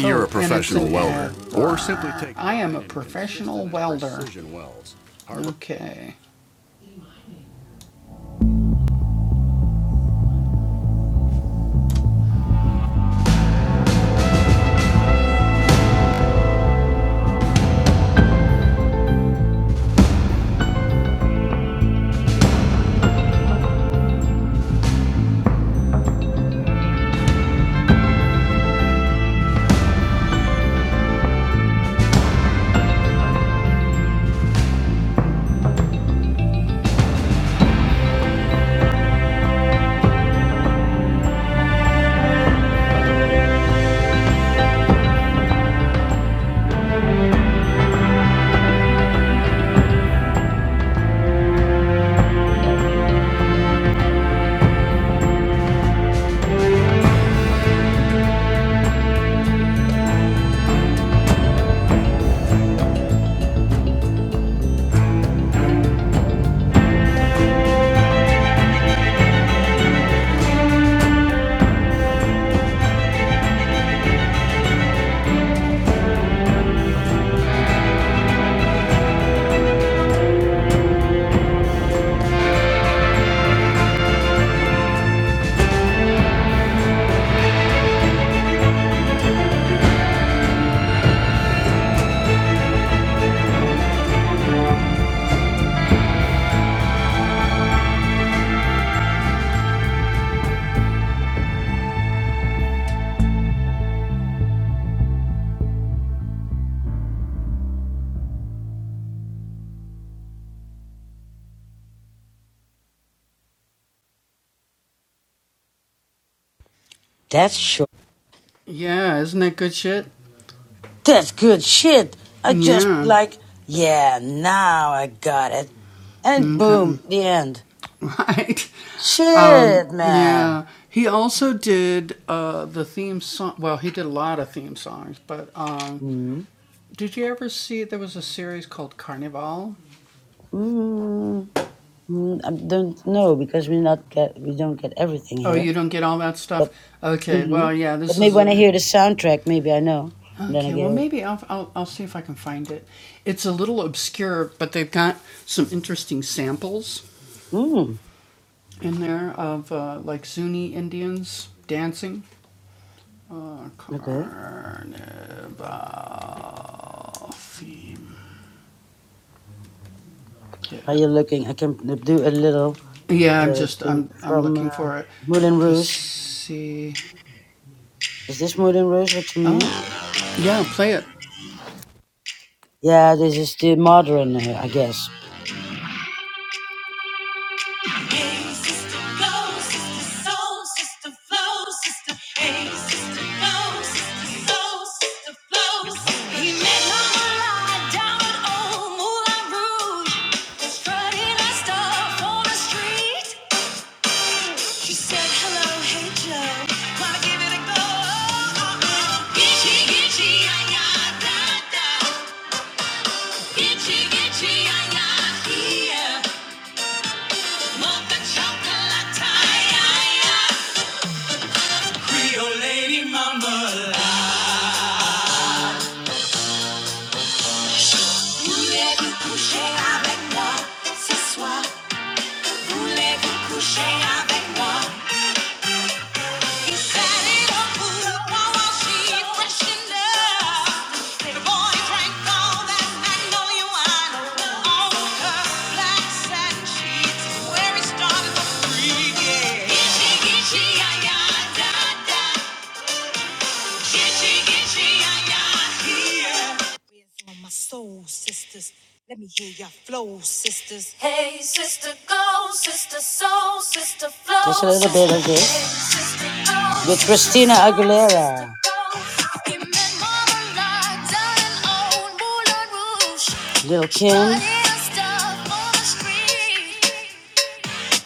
That's short. That's good shit. I just like, yeah, now I got it. And boom, the end. Shit, man. Hmm. Hmm. Hmm. I don't know because we not get we don't get everything here. But hmm but maybe when I hear the soundtrack, maybe I know. And then I go, hmm. Okay. Are you looking? I can do a little uh, the- from uh, Moulin Rouge. Is this Moulin Rouge? What you mean? Yeah, this is the modern, uh, I guess. Hey, sister, go, sister, soul, sister, flow, sister. Hey, sister, go, sister, soul, sister, flow, sister. He met her lie down at old Moulin Rouge, strutting her stuff on the street. She said, hello, hey, Joe, wanna give it a go? Uh, uh, Gitchy, gitchy, ay, ay, da, da. Gitchy, gitchy, ay, ay, here. Mocha chocolate, ay, ay, ay. Voulez-vous coucher avec moi ce soir Voulez-vous coucher avec moi He's had it all cool while she freshened up. The boy drank all that magnolia wine on her black satin sheets where he started the freaking. Itchy, itchy, ay, da, da. Itchy, itchy, ay, ay, yeah. Sister soul, sister flow, Just a little bit of this with Christina Aguilera. go. Little Kim.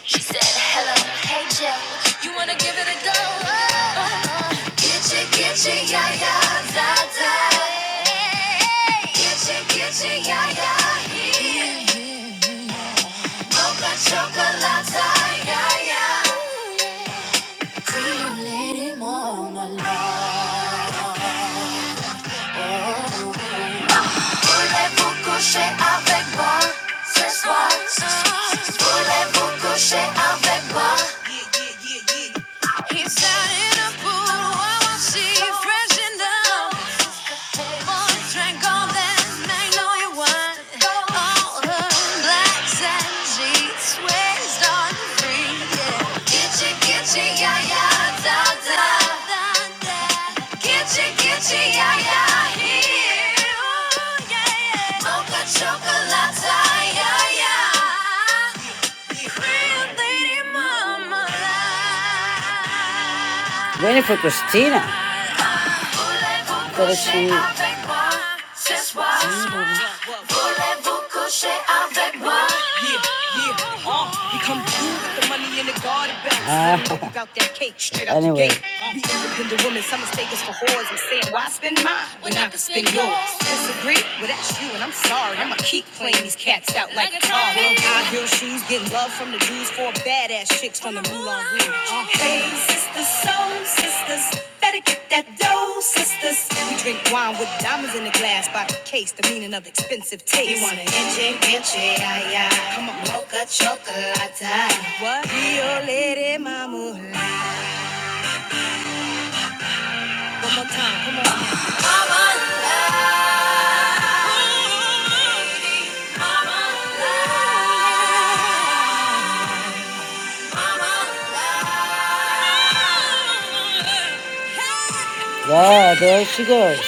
She said, hello, hey Jeff, you wanna give it a go? Oh, Get you, get you, yeah, yeah, da, da. Get you, get you, yeah, yeah, chocolate, yeah, yeah. Voulez-vous coucher avec moi ce soir? Voulez-vous coucher avec up. Yeah, yeah, yeah, yeah, yeah, yeah. yeah, yeah. Waiting for Christina coucher Voulez-vous coucher avec moi? Yeah, yeah, uh, he come through with the money in the garden belt. Ah. about that cake straight out the Anyway. gate. We independent women, some mistake us for whores. I'm saying, why spend mine when I can spend yours? Disagree? Well, that's you, and I'm sorry. I'ma keep playing these cats out like a car. High heel shoes, getting love from the Jews, four badass chicks from the Moulin Rouge. Uh. Hey, sisters, soul sisters, better get that dough, sisters. We drink wine with diamonds in the glass by the case, the meaning of expensive taste. You want an enche, enche, ay, ay. Come on, mocha chocolate. What? Rio Lady Mama. One more time, come on. Mama love. Mama love. Yeah, there she goes.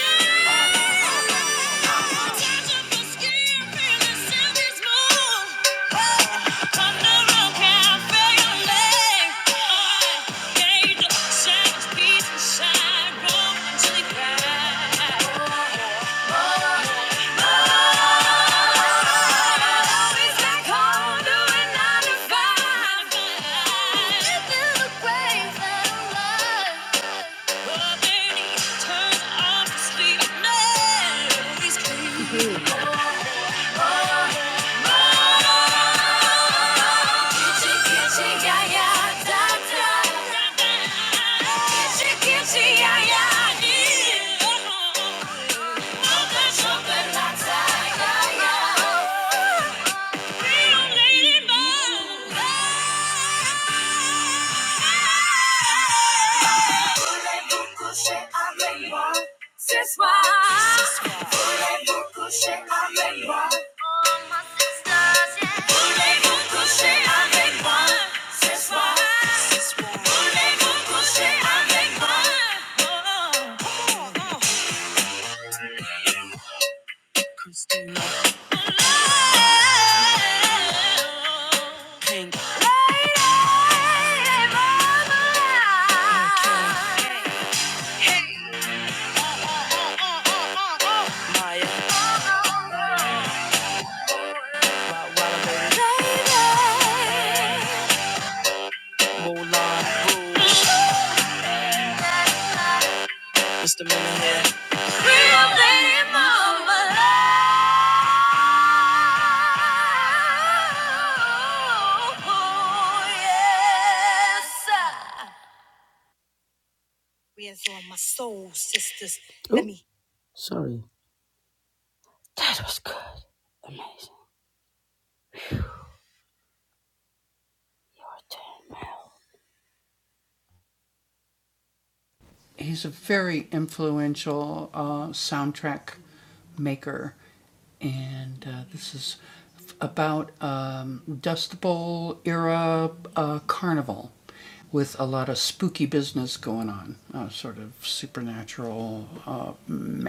This is why. Baby Where's all my soul sisters? Ooh, Let me. Sorry. That was good. Amazing.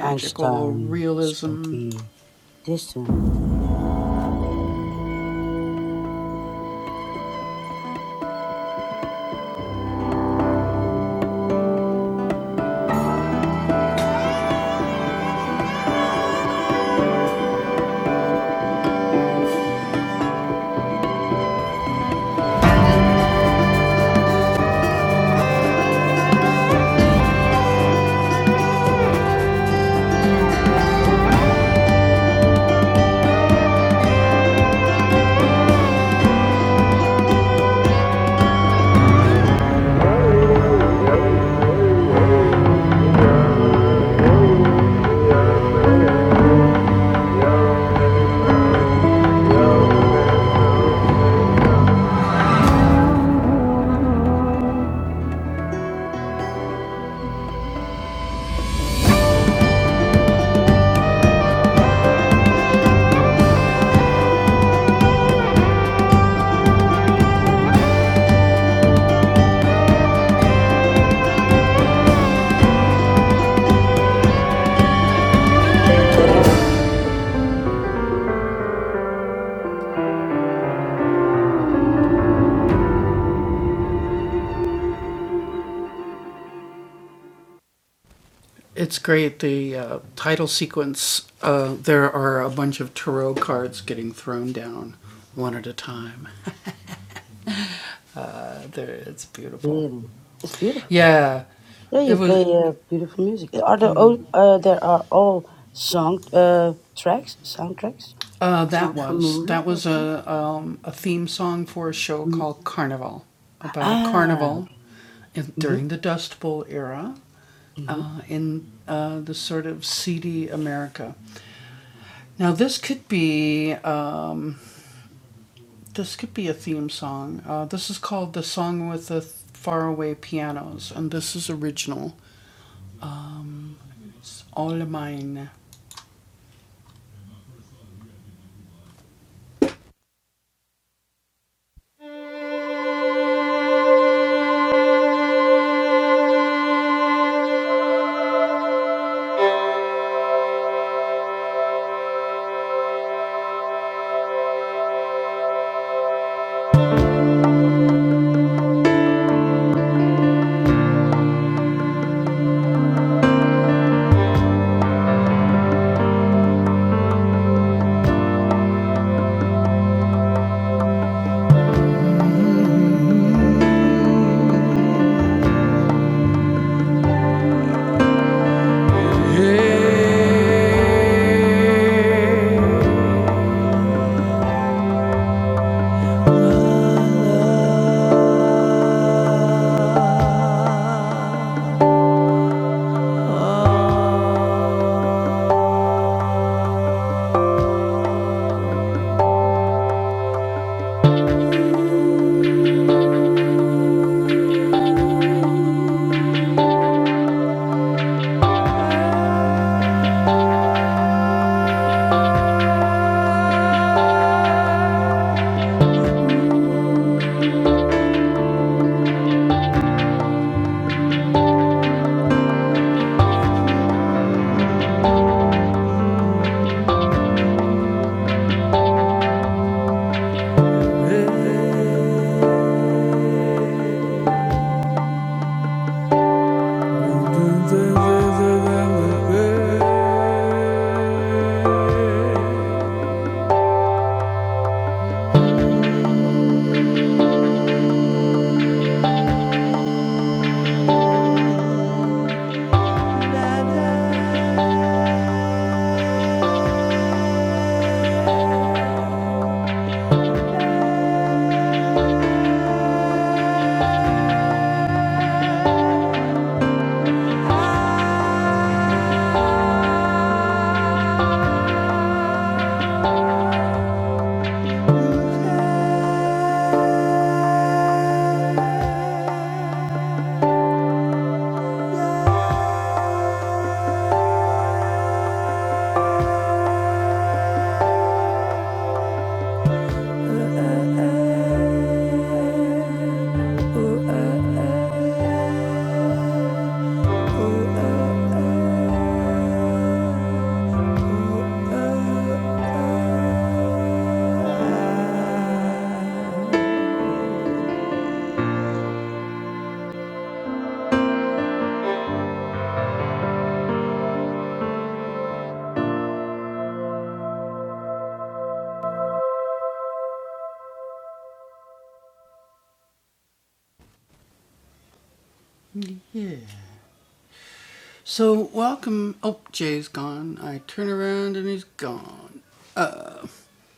Einstein, Spooky, Distant, really. It's beautiful. Yeah, you play uh, beautiful music. Are there all, uh, there are all song uh, tracks, soundtracks? Songs from movies. Mm-hmm. Ah, hmm hmm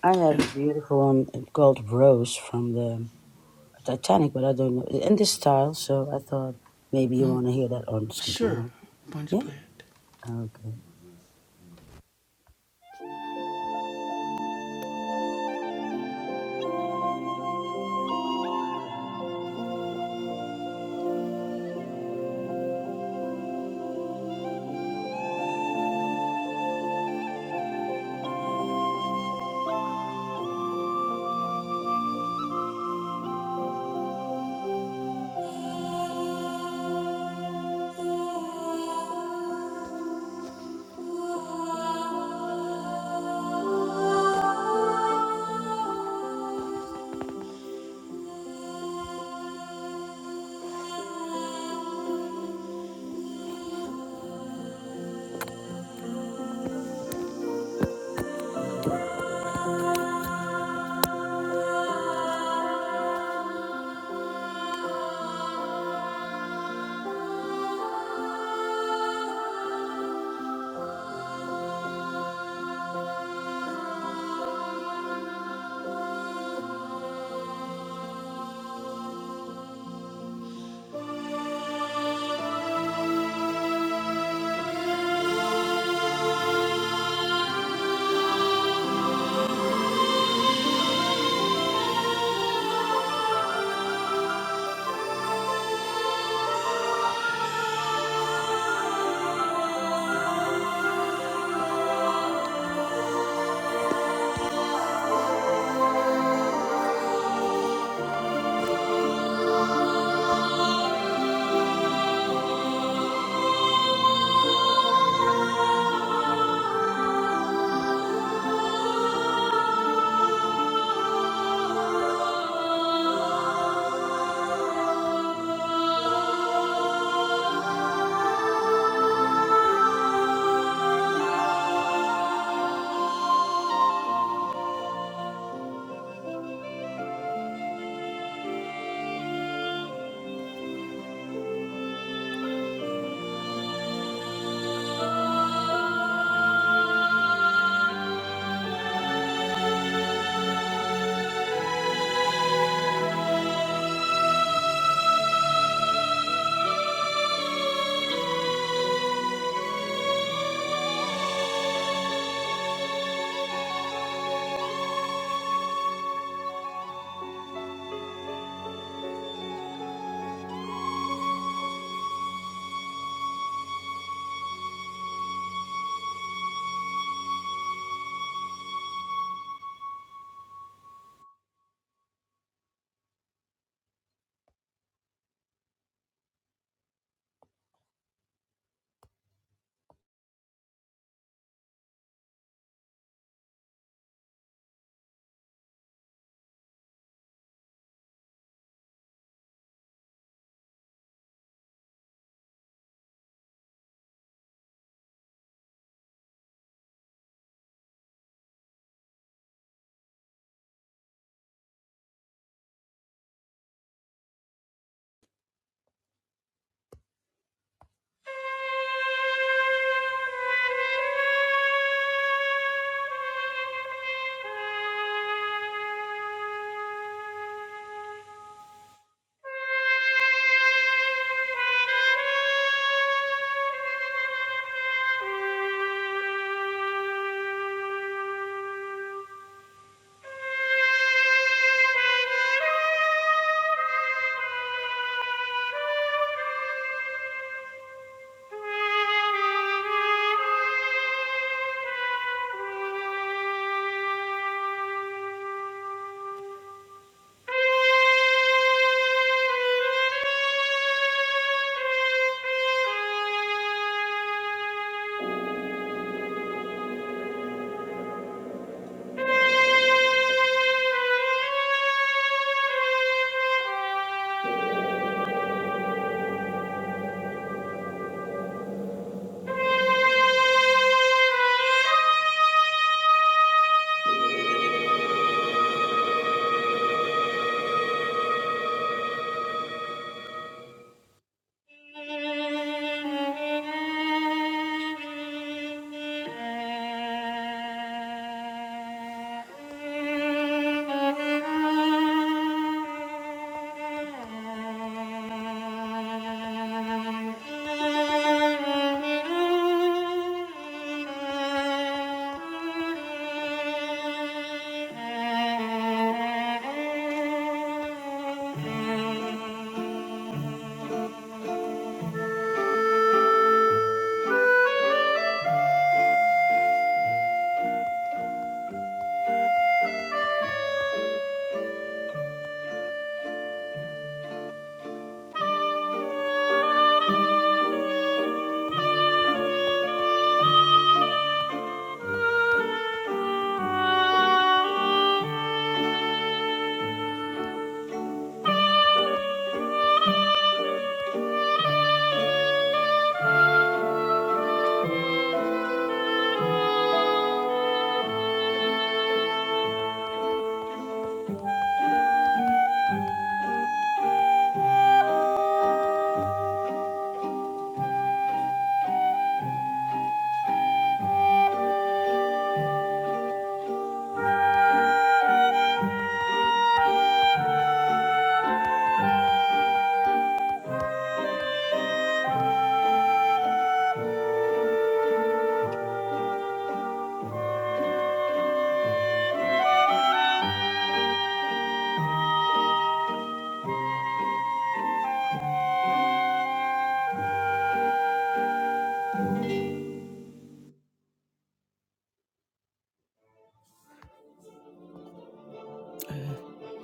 I have a beautiful one uh, called Rose from the Titanic, but I don't know in this style. So I thought maybe you want to hear that on something else. Yeah. Okay. Thank you. Wait,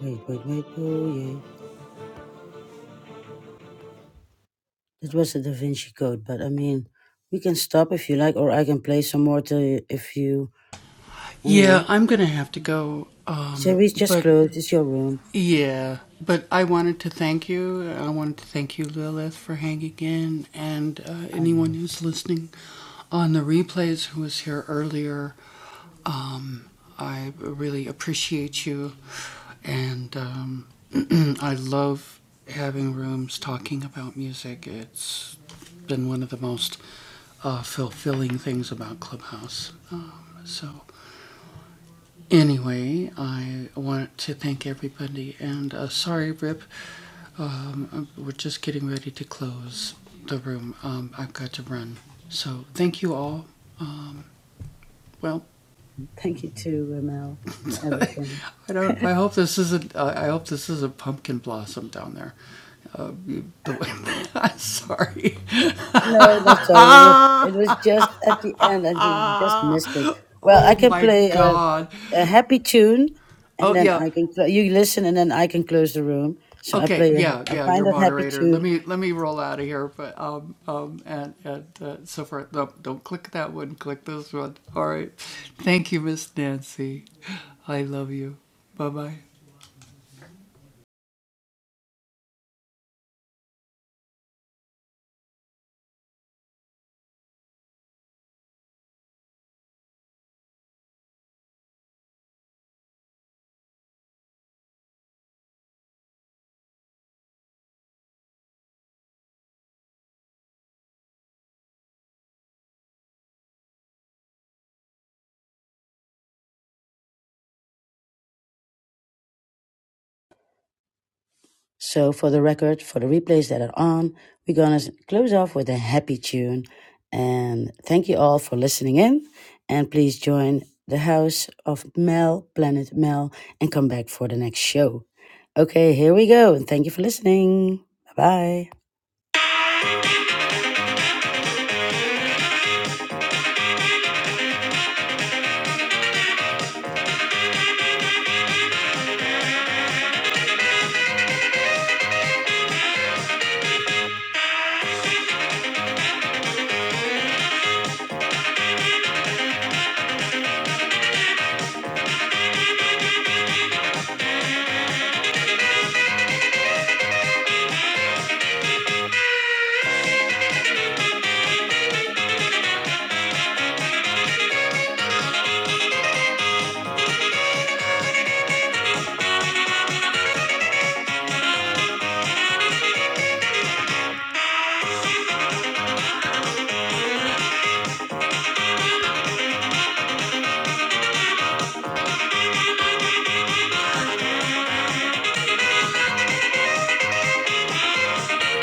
wait, wait. Oh, yeah. That was the Da Vinci Code, but I mean, we can stop if you like, or I can play some more to if you. I don't know. Series just closed. It's your room. I love it. Thank you to Mel for everything. No, not sorry. we- It was just at the end, and you just missed it. Well, I can play a, a happy tune, and then I can cl- you listen, and then I can close the room. So I play. A, I find that happy tune So for the record, for the replays that are on, we're gonna close off with a happy tune. And thank you all for listening in. And please join the house of Mel, Planet Mel, and come back for the next show. Okay, here we go. And thank you for listening. Bye bye.